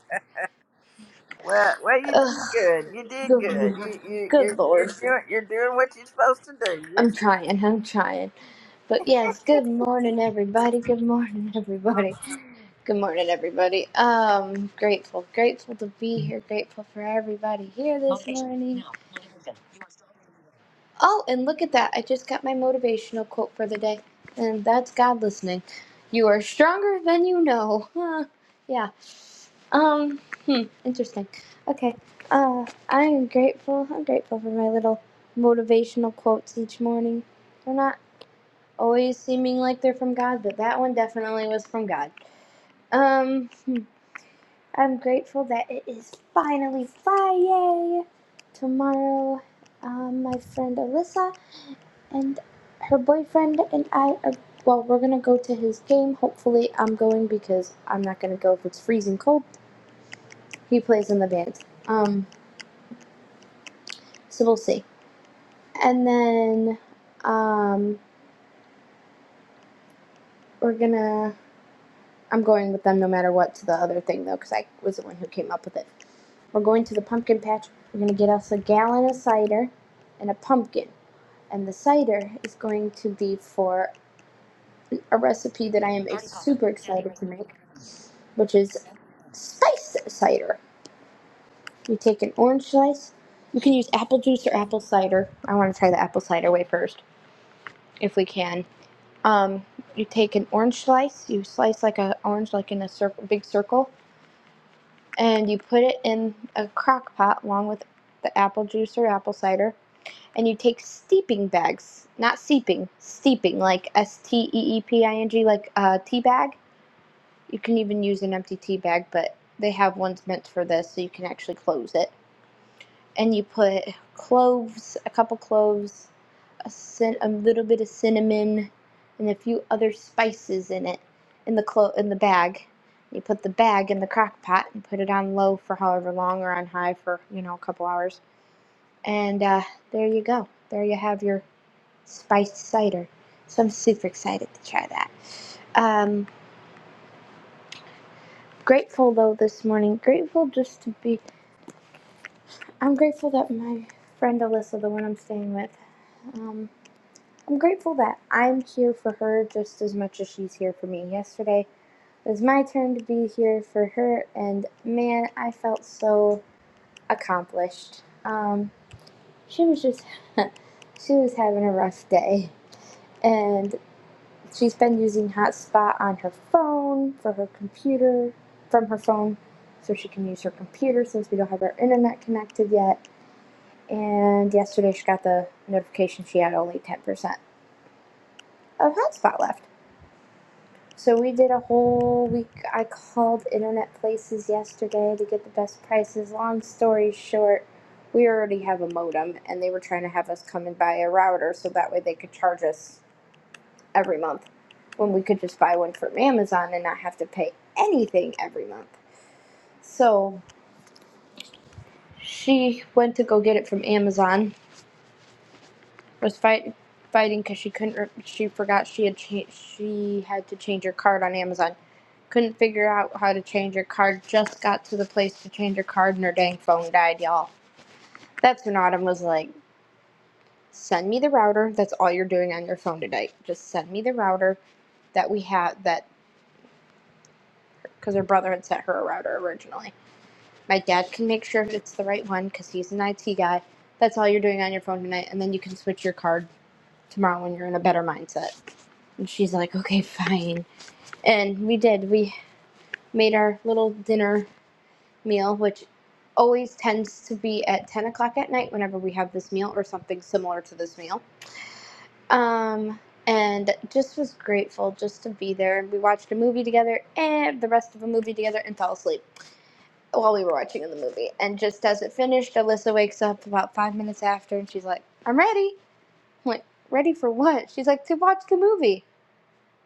A: Well, well, you did
M: Ugh,
A: good. You did
M: good,
A: good. You you
M: good
A: you're, you're
M: lord.
A: doing you're doing what you're supposed to do.
M: I'm
A: Yes, ma'am.
M: trying, I'm trying. But yes, good morning everybody. Good morning everybody. Good morning everybody. Um grateful, grateful to be here, grateful for everybody here this morning. Oh, and look at that. I just got my motivational quote for the day. And that's God listening. You are stronger than you know. Huh. Yeah. Um, hmm, interesting. Okay. Uh, I am grateful. I'm grateful for my little motivational quotes each morning. They're not always seeming like they're from God, but that one definitely was from God. Um, hmm. I'm grateful that it is finally Friday. Tomorrow, um, my friend Alyssa and her boyfriend and I are. Well, we're gonna go to his game. Hopefully, I'm going because I'm not gonna go if it's freezing cold. He plays in the band. Um, so we'll see. And then, um, we're gonna. I'm going with them no matter what to the other thing though, because I was the one who came up with it. We're going to the pumpkin patch. We're going to get us a gallon of cider and a pumpkin. And the cider is going to be for a recipe that I am super excited to make, which is spice cider. You take an orange slice. You can use apple juice or apple cider. I want to try the apple cider way first, if we can. Um, you take an orange slice. You slice like an orange, like in a cir- big circle, and you put it in a crock pot along with the apple juice or apple cider and you take steeping bags, not seeping, steeping, like S T E E P I N G, like a tea bag. You can even use an empty tea bag, but they have ones meant for this, so you can actually close it. And you put cloves, a couple cloves, a, cin- a little bit of cinnamon, and a few other spices in it, in the clo- in the bag. You put the bag in the crock pot and put it on low for however long, or on high for you know a couple hours. And uh, there you go. There you have your spiced cider. So I'm super excited to try that. Um, grateful though this morning. Grateful just to be. I'm grateful that my friend Alyssa, the one I'm staying with, um, I'm grateful that I'm here for her just as much as she's here for me. Yesterday it was my turn to be here for her, and man, I felt so accomplished. Um, she was just, she was having a rough day, and. She's been using Hotspot on her phone for her computer, from her phone, so she can use her computer since we don't have our internet connected yet. And yesterday she got the notification she had only 10% of Hotspot left. So we did a whole week. I called internet places yesterday to get the best prices. Long story short, we already have a modem and they were trying to have us come and buy a router so that way they could charge us every month when we could just buy one from Amazon and not have to pay anything every month. So she went to go get it from Amazon. Was fight, fighting because she couldn't. She forgot she had cha- she had to change her card on Amazon. Couldn't figure out how to change her card. Just got to the place to change her card and her dang phone died, y'all. That's when Autumn was like, "Send me the router. That's all you're doing on your phone tonight. Just send me the router that we had that because her brother had sent her a router originally." My dad can make sure it's the right one because he's an IT guy. That's all you're doing on your phone tonight, and then you can switch your card tomorrow when you're in a better mindset. And she's like, okay, fine. And we did. We made our little dinner meal, which always tends to be at 10 o'clock at night whenever we have this meal or something similar to this meal. Um, and just was grateful just to be there. We watched a movie together and the rest of a movie together and fell asleep. while we were watching in the movie. And just as it finished, Alyssa wakes up about five minutes after and she's like, I'm ready. I'm like, ready for what? She's like, to watch the movie.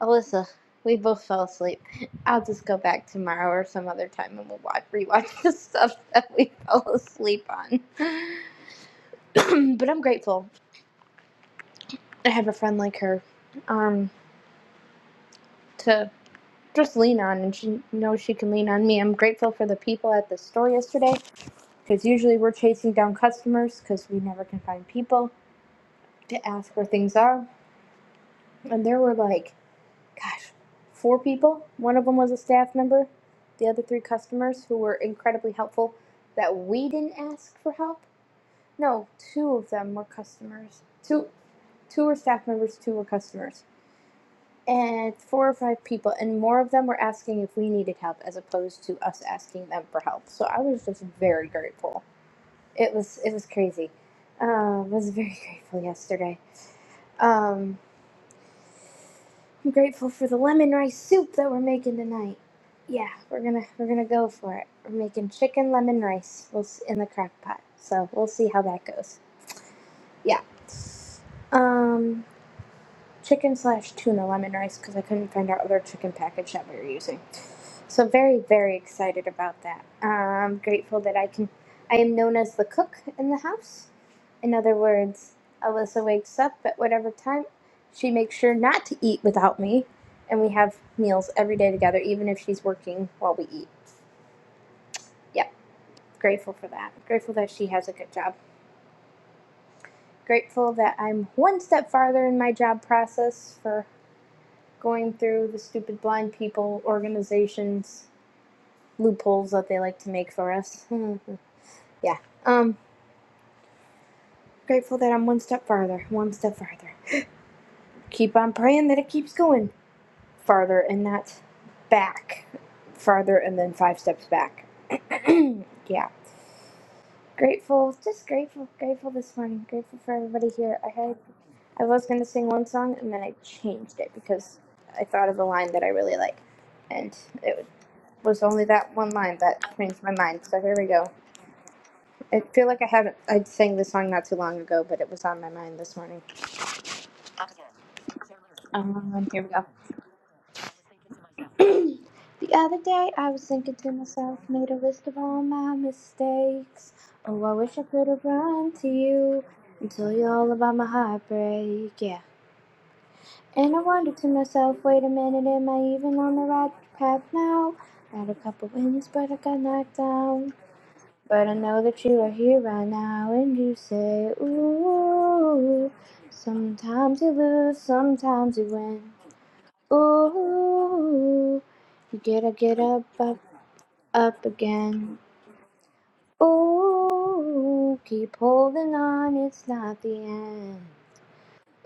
M: Alyssa, we both fell asleep. I'll just go back tomorrow or some other time and we'll watch, rewatch the stuff that we fell asleep on. but I'm grateful I have a friend like her um, to just lean on and she knows she can lean on me. I'm grateful for the people at the store yesterday because usually we're chasing down customers because we never can find people to ask where things are. And there were like, gosh, four people. One of them was a staff member, the other three customers who were incredibly helpful that we didn't ask for help. No, two of them were customers. Two, two were staff members, two were customers. And four or five people, and more of them were asking if we needed help as opposed to us asking them for help. So I was just very grateful. It was it was crazy. Uh, I was very grateful yesterday. Um, I'm grateful for the lemon rice soup that we're making tonight. Yeah, we're gonna we're gonna go for it. We're making chicken lemon rice. We'll s- in the crock pot, so we'll see how that goes. Yeah. Um chicken slash tuna lemon rice because I couldn't find our other chicken package that we were using. So very very excited about that. I'm grateful that I can. I am known as the cook in the house. In other words, Alyssa wakes up at whatever time. She makes sure not to eat without me, and we have meals every day together, even if she's working while we eat. Yep, grateful for that. Grateful that she has a good job. Grateful that I'm one step farther in my job process for going through the stupid blind people organizations loopholes that they like to make for us. yeah. Um grateful that I'm one step farther, one step farther. Keep on praying that it keeps going farther and not back. Farther and then five steps back. yeah. Grateful, just grateful, grateful this morning. Grateful for everybody here. I had I was gonna sing one song and then I changed it because I thought of a line that I really like. And it was only that one line that changed my mind. So here we go. I feel like I haven't. I sang this song not too long ago, but it was on my mind this morning. Um, here we go. the other day, I was thinking to myself, made a list of all my mistakes. Oh, I wish I could have run to you and told you all about my heartbreak. Yeah. And I wondered to myself, wait a minute, am I even on the right path now? Had a couple wins, but I got knocked down. But I know that you are here right now and you say, Ooh, sometimes you lose, sometimes you win. Ooh, you gotta get up, up, up again. Ooh, keep holding on, it's not the end.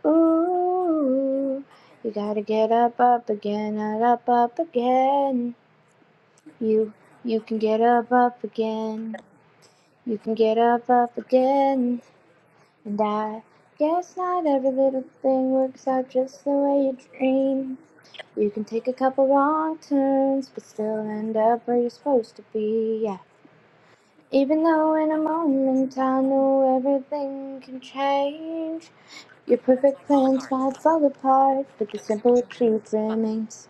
M: Ooh, you gotta get up, up again, and up, up again. You, you can get up, up again. You can get up, up again. And I guess not every little thing works out just the way you dream. You can take a couple wrong turns, but still end up where you're supposed to be. Yeah. Even though in a moment I know everything can change, your perfect plans might fall apart, but the simple truth remains.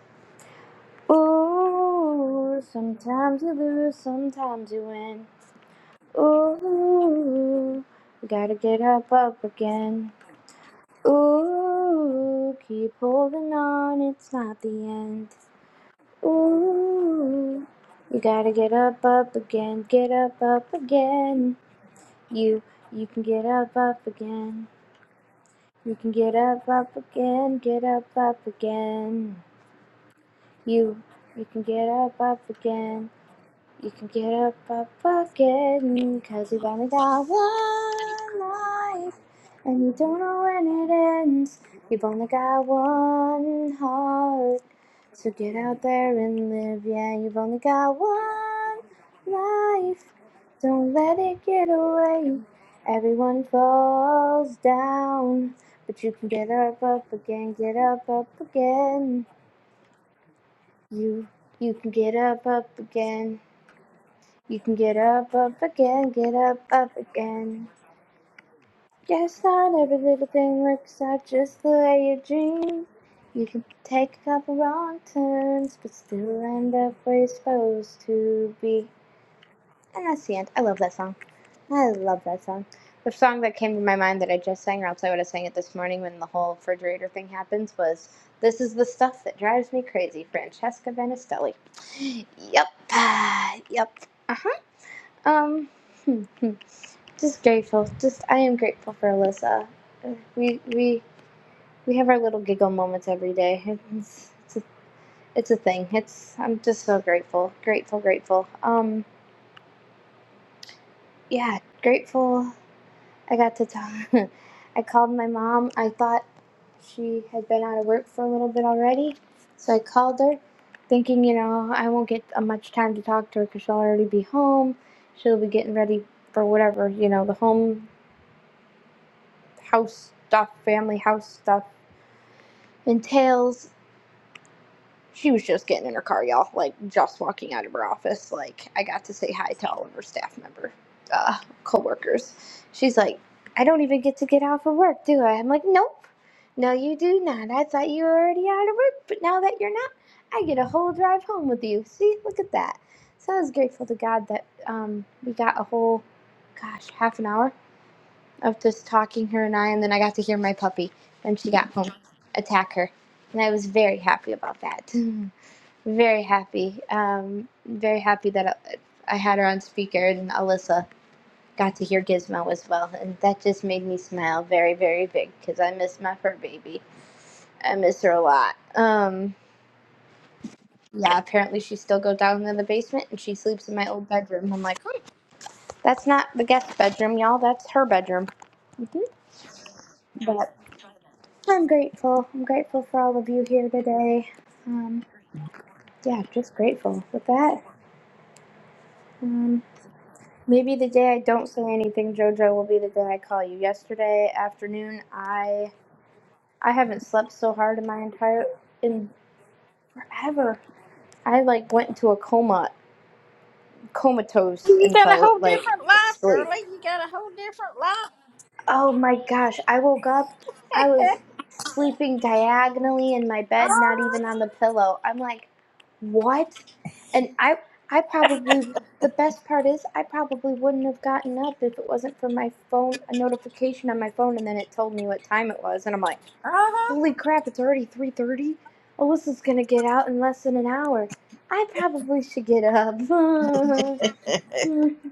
M: Ooh, sometimes you lose, sometimes you win. Ooh, you gotta get up, up again. Ooh, keep holding on, it's not the end. Ooh, you gotta get up, up again, get up, up again. You, you can get up, up again. You can get up, up again, get up, up again. You, you can get up, up again. You can get up, up again, cause you've only got one life, and you don't know when it ends. You've only got one heart, so get out there and live. Yeah, you've only got one life, don't let it get away. Everyone falls down, but you can get up, up again, get up, up again. You, you can get up, up again. You can get up, up again, get up, up again. Yes, not every little thing works out just the way you dream. You can take a couple wrong turns, but still end up where you're supposed to be. And that's the end. I love that song. I love that song. The song that came to my mind that I just sang, or else I would have sang it this morning when the whole refrigerator thing happens, was This is the Stuff That Drives Me Crazy, Francesca Benestelli. Yep. Yep. Uh huh. Um, hmm, hmm. just grateful. Just I am grateful for Alyssa. Uh, We we we have our little giggle moments every day. It's it's a, it's a thing. It's I'm just so grateful, grateful, grateful. Um, yeah, grateful. I got to talk. I called my mom. I thought she had been out of work for a little bit already, so I called her, thinking you know I won't get uh, much time to talk to her because she'll already be home. She'll be getting ready for whatever you know the home house stuff, family house stuff entails. She was just getting in her car, y'all. Like just walking out of her office. Like I got to say hi to all of her staff member, uh, coworkers. She's like, I don't even get to get off of work, do I? I'm like, nope. No, you do not. I thought you were already out of work, but now that you're not, I get a whole drive home with you. See, look at that. So I was grateful to God that um, we got a whole, gosh, half an hour of just talking her and I, and then I got to hear my puppy when she got home attack her, and I was very happy about that. very happy, um, very happy that I, I had her on speaker, and Alyssa got to hear Gizmo as well, and that just made me smile very, very big because I miss my fur baby. I miss her a lot. Um, yeah, apparently she still goes down in the basement and she sleeps in my old bedroom. I'm like, "Huh, that's not the guest bedroom, y'all. That's her bedroom. Mhm. I'm grateful. I'm grateful for all of you here today. Um, yeah, just grateful with that. Um, maybe the day I don't say anything, JoJo, will be the day I call you. Yesterday afternoon, I I haven't slept so hard in my entire in forever. I like went into a coma, comatose,
A: You
M: and
A: got a
M: fell
A: whole
M: like
A: different life,
M: asleep.
A: girlie. You got a whole different life.
M: Oh my gosh, I woke up. I was sleeping diagonally in my bed, not
A: uh-huh.
M: even on the pillow. I'm like, "What?" And I I probably the best part is I probably wouldn't have gotten up if it wasn't for my phone a notification on my phone and then it told me what time it was and I'm like,
A: Uh-huh.
M: "Holy crap, it's already 3:30. Alyssa's going to get out in less than an hour. I probably should get up."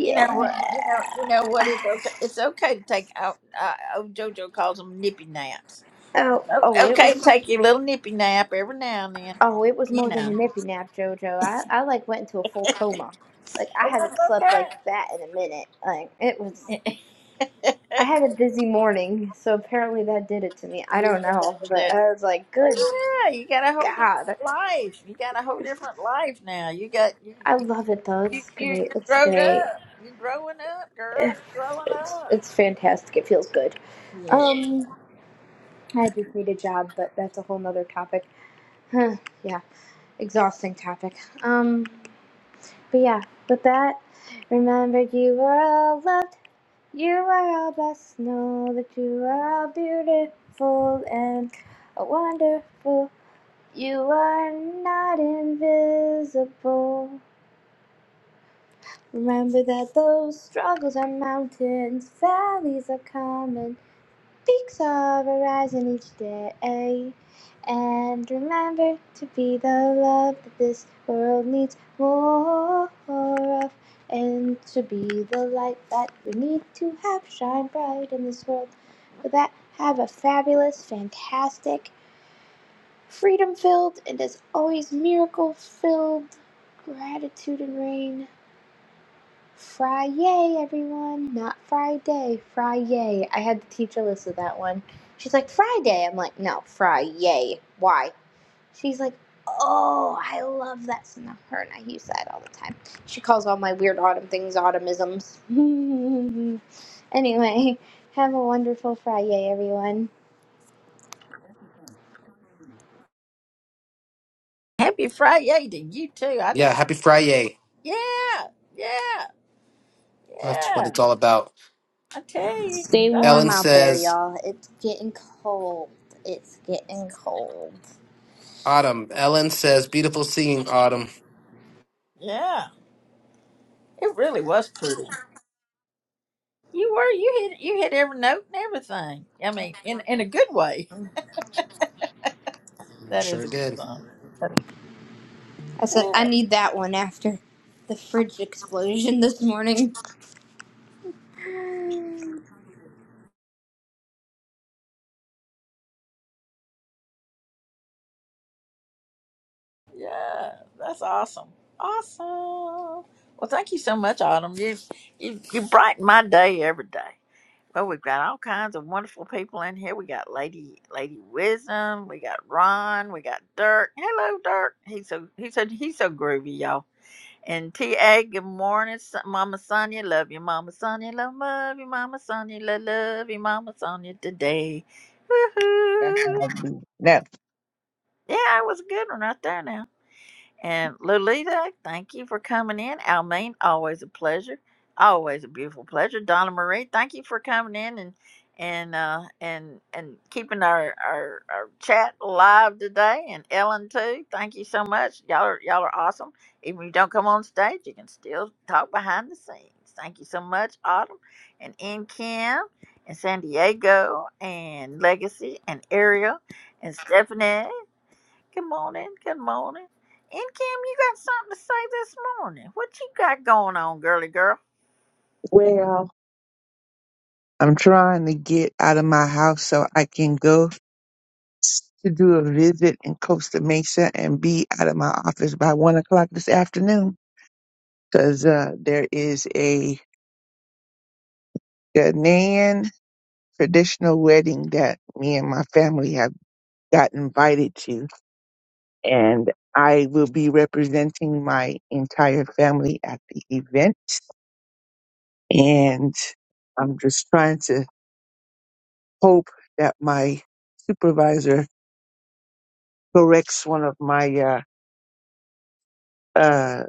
A: You know what? You know. You know what? It's okay. It's okay to take out. Uh, old JoJo calls them nippy naps. It's
M: Oh, oh,
A: o-
M: it
A: Okay, to
M: was
A: take your little nippy nap every now and then.
M: Oh, it was
A: You
M: more than
A: know.
M: a nippy nap, Jojo. I, I like went into a full coma. Like I
A: Oh,
M: haven't slept like
A: that's
M: that in a minute. Like it was
A: okay. you
M: I had a busy morning, so apparently that did it to me. I
A: remember
M: don't know,
A: that.
M: but
A: that-
M: I was like,
A: Well,
M: good
A: yeah, you got a whole different
M: God.
A: life. You got a whole different life now. You got you
M: I
A: you
M: love it though.
A: you
M: It's
A: you
M: great.
A: you're
M: It's
A: grown
M: great.
A: up. You are growing up, girl. You are growing
M: It's
A: up.
M: it's fantastic. It feels good.
A: Yeah.
M: Um, I just need a job, but that's a whole nother topic. Huh, yeah, exhausting topic. Um, but yeah, with that, remember you were all loved. You are all blessed, to know that you are all beautiful and wonderful. You are not invisible. Remember that those struggles are mountains, valleys are common. Peaks of horizon each day. And remember to be the love that this world needs more of. And to be the light that we need to have shine bright in this world. With that, have a fabulous, fantastic, freedom filled, and as always, miracle filled gratitude and rain. Fry yay, everyone, not Friday, fry yay. I had the teacher listen to teach Alyssa that one. She's like, Friday. I'm like, no, fry yay. Why? She's like, oh, I love that. So now her and I use that all the time. She calls all my weird autumn things autumnisms. anyway, have a wonderful Friday, everyone.
A: Happy Friday to you too. I
H: Yeah,
A: just
H: happy Friday.
A: yeah yeah
H: That's what
A: yeah.
H: it's all about.
A: I tell you,
M: Stay
A: that's
M: warm
H: Ellen
A: awesome.
M: out there,
H: says
M: y'all. It's getting cold. It's getting cold.
H: autumn. Ellen says beautiful singing autumn.
A: Yeah, it really was pretty. You were you hit you hit every note and everything. I mean, in in a good way.
H: We
A: That is
H: sure
A: a good
H: did.
A: song.
M: I said, I need that one after the fridge explosion this morning.
A: Yeah, that's awesome. Awesome. Well, thank you so much, Autumn. You you, you brighten my day every day. Well, we've got all kinds of wonderful people in here. We got Lady Lady Wisdom. We got Ron. We got Dirk. Hello, Dirk. He's so he's so he's so groovy, y'all. And T.A. Good morning, Son- Mama Sonia. Love you, Mama Sonia. Love, love you, Mama Sonia. Love, love you, Mama Sonia. Today, woohoo!
N: That's what I do. That's
A: Yeah, it was a good one right there. Now. And Lolita, thank you for coming in. Almaine, always a pleasure. Always a beautiful pleasure. Donna Marie, thank you for coming in and and uh, and and keeping our, our our chat live today. And Ellen too, thank you so much. Y'all are y'all are awesome. Even if you don't come on stage, you can still talk behind the scenes. Thank you so much, Autumn and N Kim and San Diego and Legacy and Ariel and Stephanie Good morning. Good morning. And Kim, you got something to say this morning. What you got going on, girly girl?
N: Well, I'm trying to get out of my house so I can go to do a visit in Costa Mesa and be out of my office by one o'clock this afternoon. Cause uh, there is a Ghanaian traditional wedding that me and my family have got invited to, and I will be representing my entire family at the event. And I'm just trying to hope that my supervisor corrects one of my uh, uh,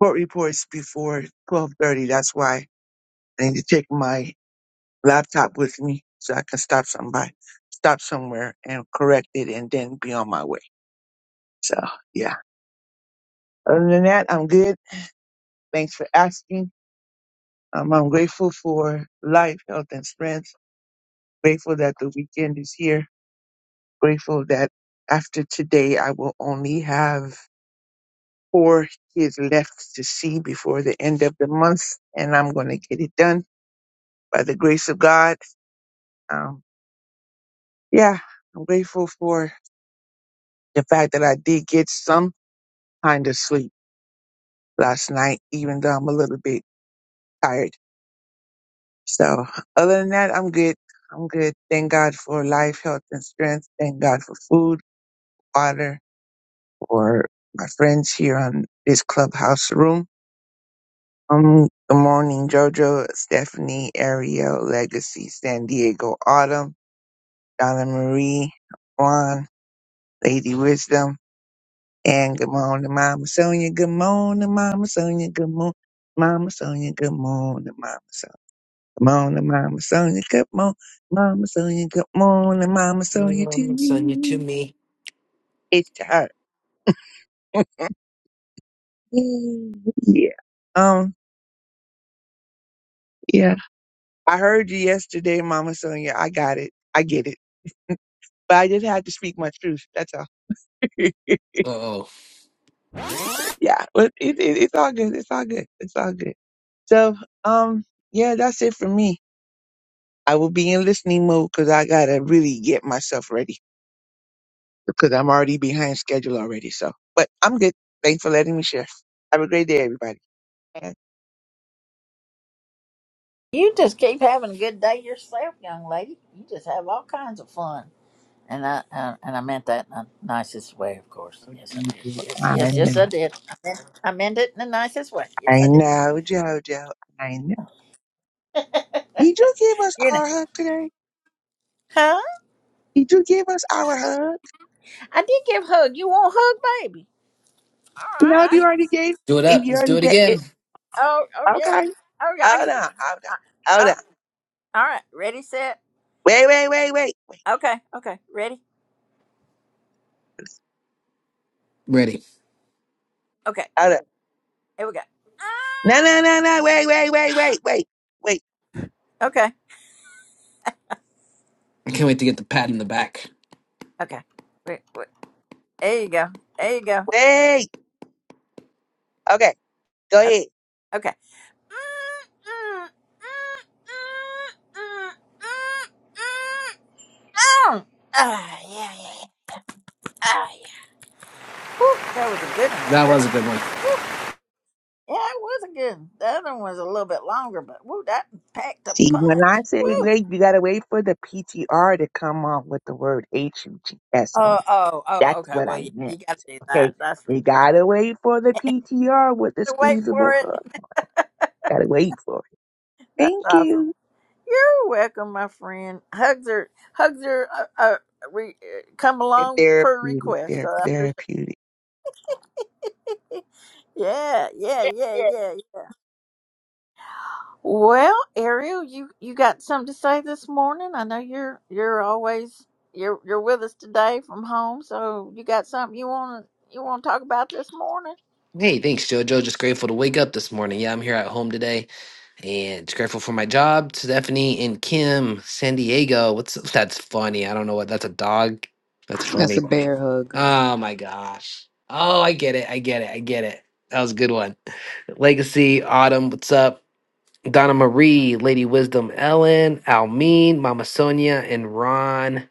N: court reports before 12:30. That's why I need to take my laptop with me so I can stop somebody, stop somewhere, and correct it, and then be on my way. So yeah. Other than that, I'm good. Thanks for asking. Um, I'm grateful for life, health, and strength. Grateful that the weekend is here. Grateful that after today, I will only have four kids left to see before the end of the month, and I'm going to get it done by the grace of God. Um, yeah, I'm grateful for the fact that I did get some kind of sleep last night, even though I'm a little bit tired. So other than that, I'm good. I'm good. Thank God for life, health, and strength. Thank God for food, water, for my friends here on this clubhouse room. Um, good morning, Jojo, Stephanie, Ariel, Legacy, San Diego, Autumn, Donna Marie, Juan, Lady Wisdom, And good morning, Mama Sonia. Good morning, Mama Sonia. Good morning, Mama Sonia. Good morning, Mama Sonia. Good morning, Mama Sonia. Good morning, Mama Sonia. Good morning, Mama
H: Mm,
N: Sonia to
H: Mama, send you to
N: you.
H: me.
N: It's to her. yeah. Um, yeah. I heard you yesterday, Mama Sonia. I got it. I get it. But I just had to speak my truth. That's all.
H: Uh oh.
N: yeah. But it, it, it's all good. It's all good. It's all good. So, um, yeah, that's it for me. I will be in listening mode because I gotta really get myself ready because I'm already behind schedule already. So, but I'm good. Thanks for letting me share. Have a great day, everybody. I
A: You just keep having a good day yourself, young lady. You just have all kinds of fun. And I uh, and I meant that in the nicest way, of course. Yes, I did.
N: know,
A: Yes, yes, yes, I did. I meant, I meant it in the nicest way.
N: I
A: Yes, I did.
N: know, Jojo. I know. Did you give us
A: You know,
N: our hug today?
A: huh?
N: Did you give us our hug?
A: I did give a hug. You want a hug, baby? All
N: No,
A: right.
N: if
A: I,
N: you already gave,
H: Do it
N: if
H: up.
N: you
H: Let's do
N: already
H: it
N: get it,
H: again.
A: oh, oh yeah.
N: okay.
A: Oh yeah. I,
N: Hold
A: I,
N: on, hold on, hold
A: I,
N: on.
A: oh, all right. Ready, set.
N: Wait, wait, wait, wait, wait.
A: Okay. Okay. Ready.
H: Ready.
A: Okay.
N: Hold on.
A: Here we go.
N: No, no, no, no. Wait, wait, wait, wait, wait, wait,
A: Okay.
H: I can't wait to get the pat in the back.
A: Okay. Wait, wait. There you go. There you go.
N: wait. Okay, go
A: O-
N: ahead.
A: Okay. Oh, ah, yeah, yeah, yeah. Ah, yeah. Whew, that was a good one right
H: That was
A: there.
H: a good one.
A: Yeah, it was a good one. The other one was a little bit longer, but woo, that packed a
N: See, when I
A: punch.
N: say
A: Woo.
N: wait, you gotta wait for the PTR to come on with the word H U T S on
A: Oh,
N: it.
A: oh, oh,
N: That's
A: okay.
N: what
A: Well,
N: I
A: yeah,
N: meant.
A: you got to do that.
N: Okay.
A: That's for
N: You
A: sure.
N: gotta wait for the PTR with the
A: To wait for
N: squeezable
A: it.
N: hug. Gotta wait for it.
A: That's
N: Thank
A: awesome.
N: you.
A: You're welcome, my friend. Hugs are hugs are uh, uh, re, uh, come along
N: They're
A: per
N: therapeutic.
A: request. So
N: They're
A: I
N: therapeutic.
A: appreciate. yeah, yeah, yeah, yeah. Well, Ariel, you you got something to say this morning? I know you're you're always you're you're with us today from home. So you got something you want to you want to talk about this morning?
H: Hey, thanks, JoJo. Just grateful to wake up this morning. Yeah, I'm here at home today and just grateful for my job. Stephanie and Kim, San Diego. What's that's funny. I don't know what that's a dog. That's
L: That's
H: funny.
L: a bear hug.
H: Oh my gosh. Oh, I get it. I get it. I get it. That was a good one. Legacy, Autumn, what's up? Donna Marie, Lady Wisdom, Ellen, Almeen, Mama Sonia, and Ron.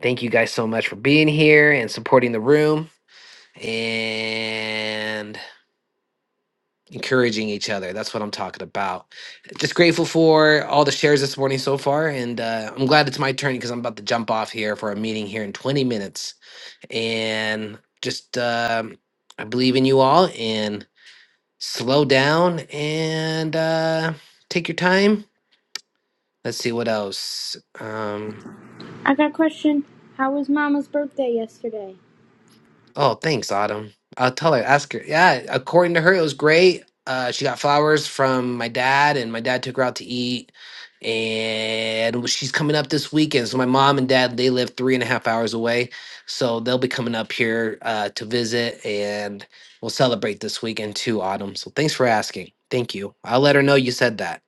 H: Thank you guys so much for being here and supporting the room. And encouraging each other. That's what I'm talking about. Just grateful for all the shares this morning so far, and uh, I'm glad it's my turn because I'm about to jump off here for a meeting here in 20 minutes. And just um, I believe in you all, and slow down and uh, take your time. Let's see what else. Um, Oh, thanks, Autumn. I'll tell her, ask her. Yeah, according to her, it was great. Uh, she got flowers from my dad, and my dad took her out to eat. And she's coming up this weekend. So my mom and dad, they live three and a half hours away. So they'll be coming up here uh, to visit, and we'll celebrate this weekend too, Autumn. So thanks for asking. Thank you. I'll let her know you said that.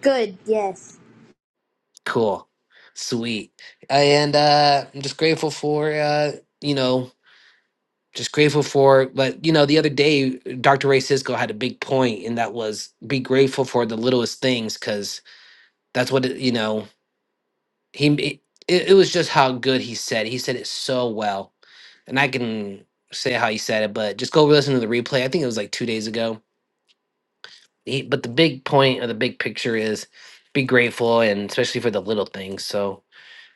M: Good, yes.
H: Cool. Sweet. And uh, I'm just grateful for, uh, you know, just grateful for but you know the other day dr ray cisco had a big point and that was be grateful for the littlest things because that's what it, you know he it, it was just how good he said he said it so well and i can say how he said it but just go listen to the replay i think it was like two days ago he, but the big point or the big picture is be grateful and especially for the little things so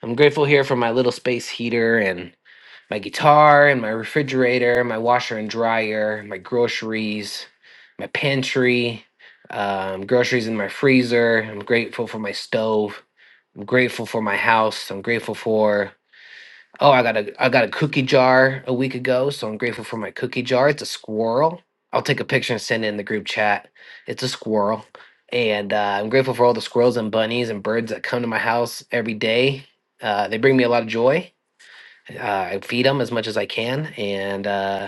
H: i'm grateful here for my little space heater and. my guitar and my refrigerator, my washer and dryer, my groceries, my pantry, um, groceries in my freezer. I'm grateful for my stove. I'm grateful for my house. I'm grateful for oh, I got a I got a cookie jar a week ago, so I'm grateful for my cookie jar. It's a squirrel. I'll take a picture and send it in the group chat. It's a squirrel. And uh, I'm grateful for all the squirrels and bunnies and birds that come to my house every day. Uh, they bring me a lot of joy uh, I feed them as much as I can, and uh,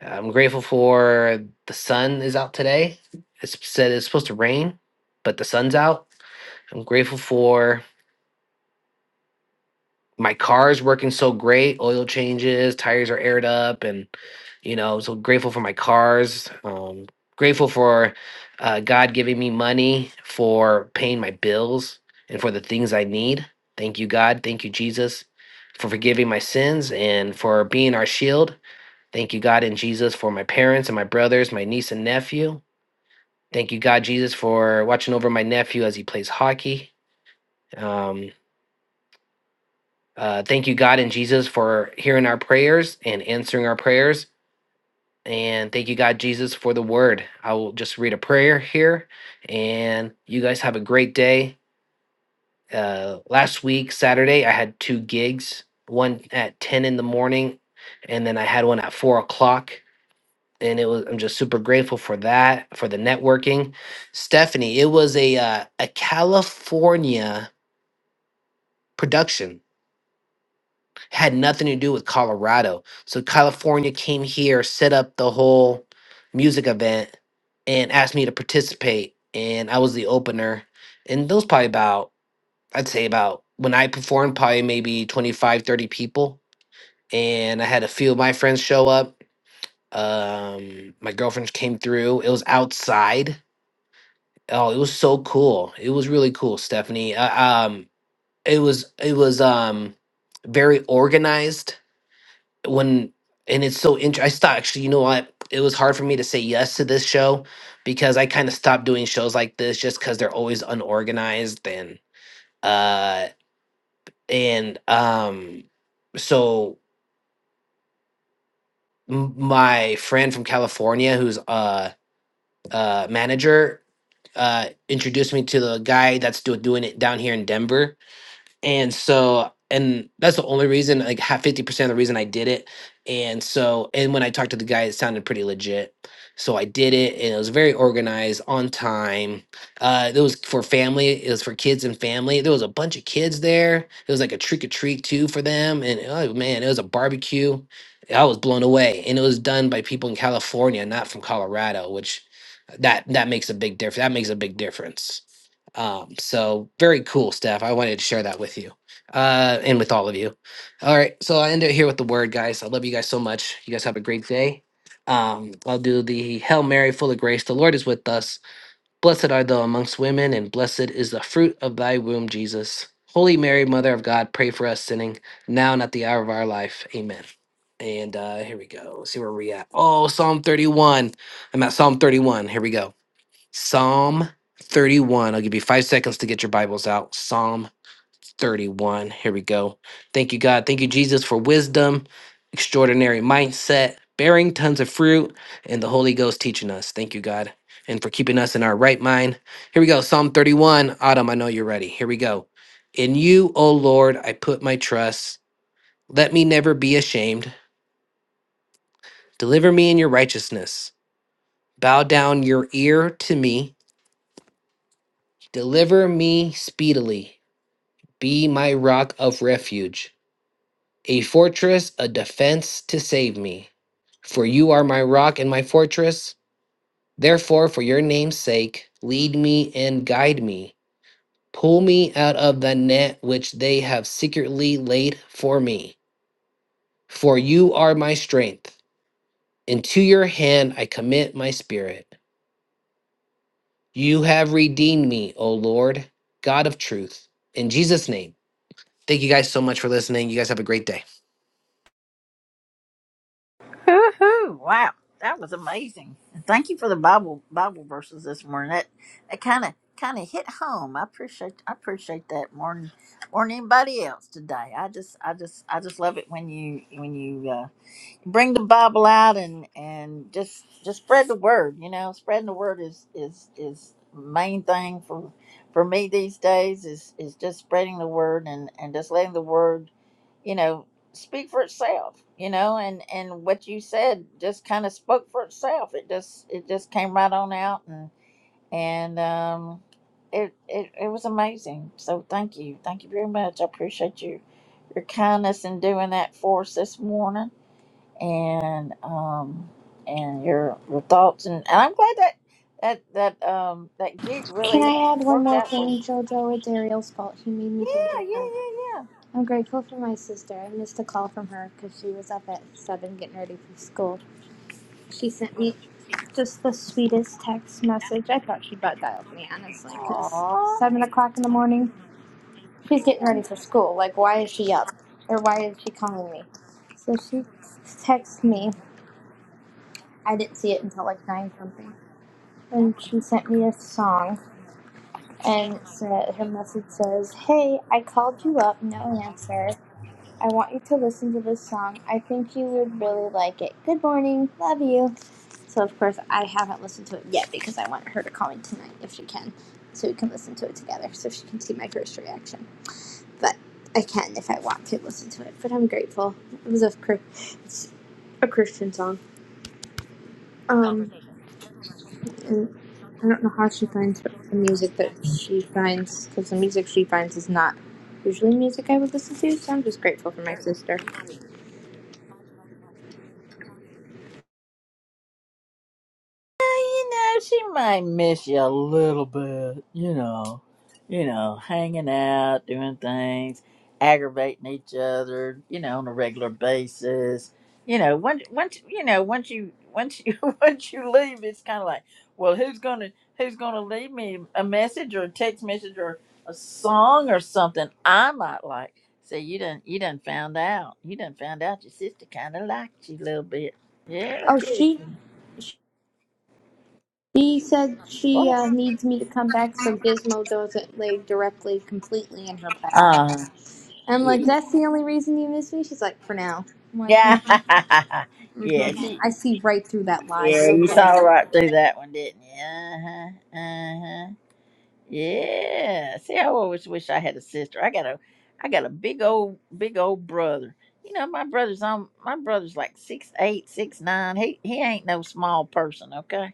H: I'm grateful for the sun is out today. It's said it's supposed to rain, but the sun's out. I'm grateful for my car's working so great. Oil changes, tires are aired up, and you know, so grateful for my cars. Um, grateful for uh, God giving me money for paying my bills and for the things I need. Thank you, God. Thank you, Jesus, for forgiving my sins and for being our shield Thank you, God, and Jesus, for my parents and my brothers, my niece and nephew. Thank you, God, Jesus, for watching over my nephew as he plays hockey. Um, uh, thank you, God, and Jesus, for hearing our prayers and answering our prayers. And thank you, God, Jesus, for the word. I will just read a prayer here, and you guys have a great day. Uh, last week, Saturday, I had two gigs one at 10 in the morning, and then I had one at 4 o'clock and it was I'm just super grateful for that for the networking. Stephanie, it was a uh, a California production had nothing to do with Colorado. So California came here, set up the whole music event, and asked me to participate, and I was the opener. And those probably about I'd say about when I performed probably maybe 25, 30 people and I had a few of my friends show up. Um my girlfriend came through. It was outside Oh, it was so cool. It was really cool, Stephanie. Uh, um, it was it was um very organized when, and it's so interesting. I stopped actually. You know what? It was hard for me to say yes to this show because I kind of stopped doing shows like this just because they're always unorganized and uh and um so m- my friend from California who's uh uh manager uh introduced me to the guy that's do- doing it down here in Denver and so and that's the only reason like half 50% of the reason i did it and so and when i talked to the guy it sounded pretty legit so i did it and it was very organized on time uh it was for family it was for kids and family there was a bunch of kids there it was like a trick-or-treat too for them and oh man it was a barbecue i was blown away and it was done by people in california not from colorado which that that makes a big difference that makes a big difference um, so very cool stuff. I wanted to share that with you uh, and with all of you. All right, so I end it here with the word, guys. I love you guys so much. You guys have a great day. Um, I'll do the Hail Mary, full of grace. The Lord is with us. Blessed are thou amongst women, and blessed is the fruit of thy womb, Jesus. Holy Mary, Mother of God, pray for us sinning now and at the hour of our life. Amen. And uh, here we go. Let's see where we are at. Oh, Psalm 31. I'm at Psalm 31. Here we go. Psalm 31. I'll give you five seconds to get your Bibles out. Psalm 31. Here we go. Thank you, God. Thank you, Jesus, for wisdom, extraordinary mindset, bearing tons of fruit, and the Holy Ghost teaching us. Thank you, God, and for keeping us in our right mind. Here we go. Psalm 31. Autumn, I know you're ready. Here we go. In you, O Lord, I put my trust. Let me never be ashamed. Deliver me in your righteousness. Bow down your ear to me. Deliver me speedily. Be my rock of refuge, a fortress, a defense to save me. For you are my rock and my fortress. Therefore, for your name's sake, lead me and guide me. Pull me out of the net which they have secretly laid for me. For you are my strength. Into your hand I commit my spirit. You have redeemed me, O Lord, God of truth. In Jesus' name. Thank you guys so much for listening. You guys have a great day.
A: Hoo hoo Wow, that was amazing. And thank you for the Bible Bible verses this morning. That that kind of kind of hit home. I appreciate I appreciate that more than more than anybody else today. I just I just I just love it when you when you. uh, bring the Bible out and and just just spread the word. You know, spreading the word is is is main thing for for me these days is is just spreading the word and and just letting the word, you know, speak for itself. You know, and and what you said just kind of spoke for itself. It just it just came right on out and and um. It, it, it was amazing. So thank you. Thank you very much. I appreciate you your kindness in doing that for us this morning and um and your your thoughts and, and I'm glad that that that um that gig
M: Can
A: really
M: I add one
A: worked
M: more
A: out for
M: thing,
A: you.
M: JoJo? It's Ariel's fault. She made me think of
A: Yeah,
M: it.
A: yeah, yeah,
M: I'm grateful for my sister. I missed a call from her because she was up at 7 getting ready for school. She sent me just the sweetest text message. I thought she butt dialed me, honestly, because
A: yeah.
M: 7 o'clock in the morning, she's getting ready for school. Like, why is she up? Or why is she calling me? So she texted me. I didn't see it until like nine something. And she sent me a song, and said, her message says, "Hey, I called you up, no answer. I want you to listen to this song. I think you would really like it. Good morning, love you." So of course I haven't listened to it yet because I want her to call me tonight if she can, so we can listen to it together, so she can see my first reaction. But I can if I want to listen to it. But I'm grateful. It was a, it's a Christian song. Um, and I don't know how she finds the music that she finds because the music she finds is not usually music I would listen to. So I'm just grateful for my sister.
A: you know, she might miss you a little bit, you know, you know, hanging out, doing things, aggravating each other, you know, on a regular basis. You know, once once you know, once you once you once you leave, it's kind of like, well, who's gonna who's gonna leave me a message or a text message or a song or something? I might like. So you done you done found out. You done found out your sister kind of liked you a little bit. Yeah,
M: Oh, she
A: Kirsten.
M: she said she
A: Go
M: uh, needs me to come back so Gizmo doesn't lay directly completely in her path.
A: ahead.
M: I'm
A: Yeah.
M: like, that's the only reason you miss me. She's like, for now. I'm like,
A: Yeah.
M: mm,
A: yeah. She,
M: I see right through that lie,
A: yeah.
M: but
A: You saw
M: okay.
A: right through that one, didn't you? Uh huh. Uh huh. Yeah. See, I always wish I had a sister. I got a, I got a big old, big old brother. You know, my brother's on. My brother's like six eight, six nine. He he ain't no small person. Okay.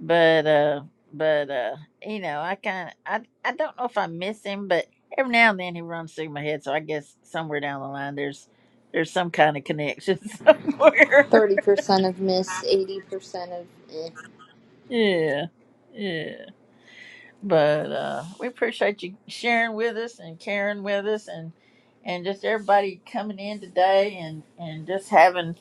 A: but uh but uh you know i kind of I, I don't know if i miss him but every now and then he runs through my head so i guess somewhere down the line there's there's some kind of connection somewhere
M: Thirty percent of miss, eighty percent of. Eh.
A: yeah yeah but uh we appreciate you sharing with us and caring with us and and just everybody coming in today and and just having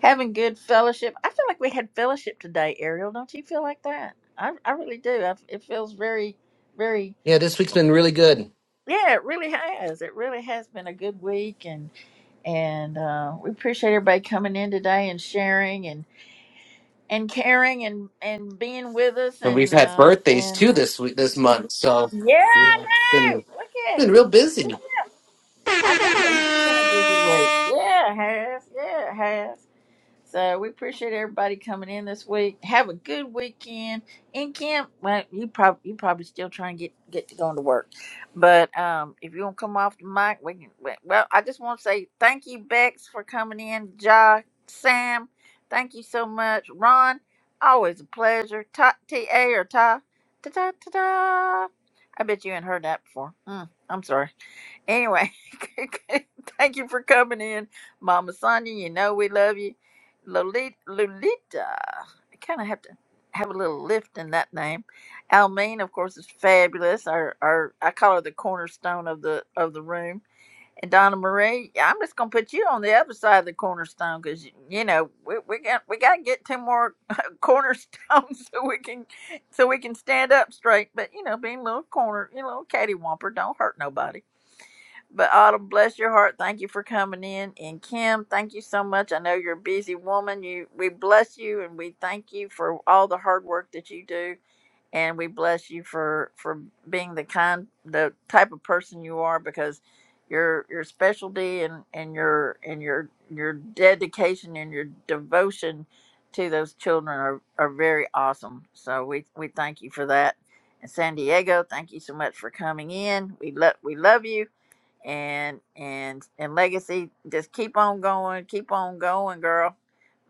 A: having good fellowship i feel like we had fellowship today ariel don't you feel like that i, I really do I, it feels very very
H: Yeah, this week's been really good.
A: Yeah, it really has. It really has been a good week, and and uh, we appreciate everybody coming in today and sharing and and caring and and being with us
H: and we've
A: and
H: had
A: uh,
H: birthdays
A: and
H: too
A: uh,
H: this week, this month. So
A: yeah,
H: yeah, it's
A: I know.
H: been
A: Look at
H: been real busy.
A: yeah, I know. It's been a busy week. Yeah, it has. Yeah, it has. So we appreciate everybody coming in this week. Have a good weekend. In camp, well, you probably you probably still trying to get get to going to work, but um, if you want to come off the mic, we can. we- Well, I just want to say thank you, Bex, for coming in. Ja, Sam, thank you so much. Ron, always a pleasure. Ta, T A or Ta, ta ta ta ta. I bet you ain't heard that before. Mm, I'm sorry. Anyway, thank you for coming in, Mama Sonia. You know we love you, Lolita. Lolita. I kind of have to have a little lift in that name. Almeen, of course, is fabulous. Our, our, I call her the cornerstone of the of the room. And Donna Marie, yeah, I'm just gonna put you on the other side of the cornerstone because you, know we, we got we got to get two more cornerstones so we can so we can stand up straight. But you know, being a little corner, you know, catty Whomper, don't hurt nobody. But Autumn, bless your heart. Thank you for coming in. And Kim, thank you so much. I know you're a busy woman. You we bless you and we thank you for all the hard work that you do. And we bless you for for being the kind the type of person you are because your your specialty and, and your and your your dedication and your devotion to those children are, are very awesome. So we, we thank you for that. And San Diego, thank you so much for coming in. We love we love you and and and legacy just keep on going keep on going girl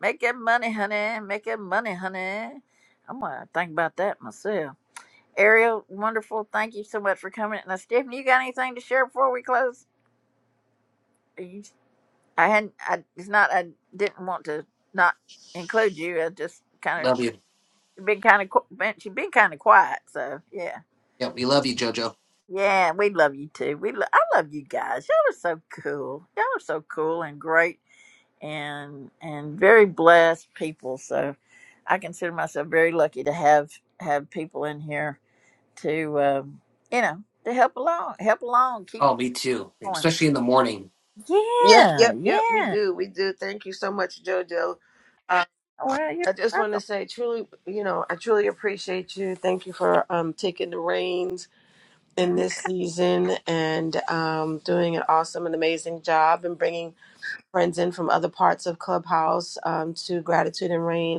A: make that money honey make that money honey i'm gonna think about that myself ariel wonderful thank you so much for coming now stephanie you got anything to share before we close You- i hadn't i it's not i didn't want to not include you i just kind
H: Love you.
A: of been kind of been she's been kind of quiet so yeah
H: Yeah, we love you, Jojo.
A: yeah we love you too we lo- i love you guys y'all are so cool y'all are so cool and great and and very blessed people. So I consider myself very lucky to have have people in here to um, you know to help along, help along, keep
H: Oh, me too.
A: going.
H: Especially in the morning.
F: Yep,
A: Yeah,
F: yep, yep. We
A: yeah.
F: do, we do. Thank you so much, JoJo. Uh,
A: Well, you're
F: I just want to
A: welcome.
F: say, truly, you know, I truly appreciate you. Thank you for um, taking the reins in this
A: Okay.
F: season and um, doing an awesome and amazing job and bringing friends in from other parts of Clubhouse um, to Gratitude and Rain.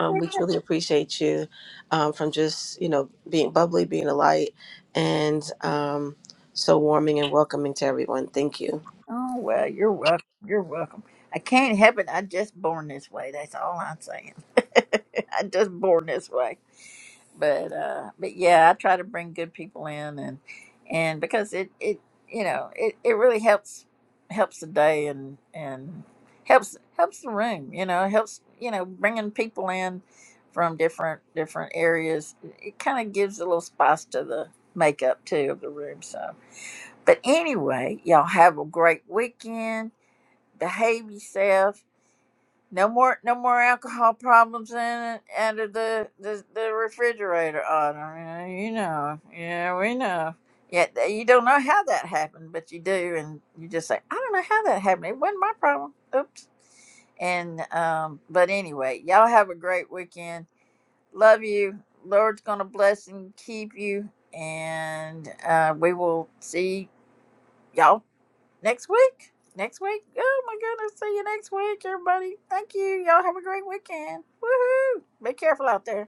F: Um, we truly appreciate you um, from just, you know, being bubbly, being a light, and um, so warming and welcoming to everyone. Thank you.
A: Oh well, you're welcome. You're welcome. I can't help it. I just born this way. That's all I'm saying. I just born this way. but uh but yeah i try to bring good people in and and because it it you know it, it really helps helps the day and and helps helps the room you know helps you know bringing people in from different different areas it kind of gives a little spice to the makeup too of the room so but anyway y'all have a great weekend behave yourself no more, no more alcohol problems in and out of the, the the refrigerator, Autumn. You know, you know, yeah, we know. Yeah, th- you don't know how that happened, but you do, and you just say, "I don't know how that happened. It wasn't my problem." Oops. And um, but anyway, y'all have a great weekend. Love you. Lord's gonna bless and keep you, and uh, we will see y'all next week. Next week. Oh my goodness. See you next week, everybody. Thank you. Y'all have a great weekend. Woohoo. Be careful out there.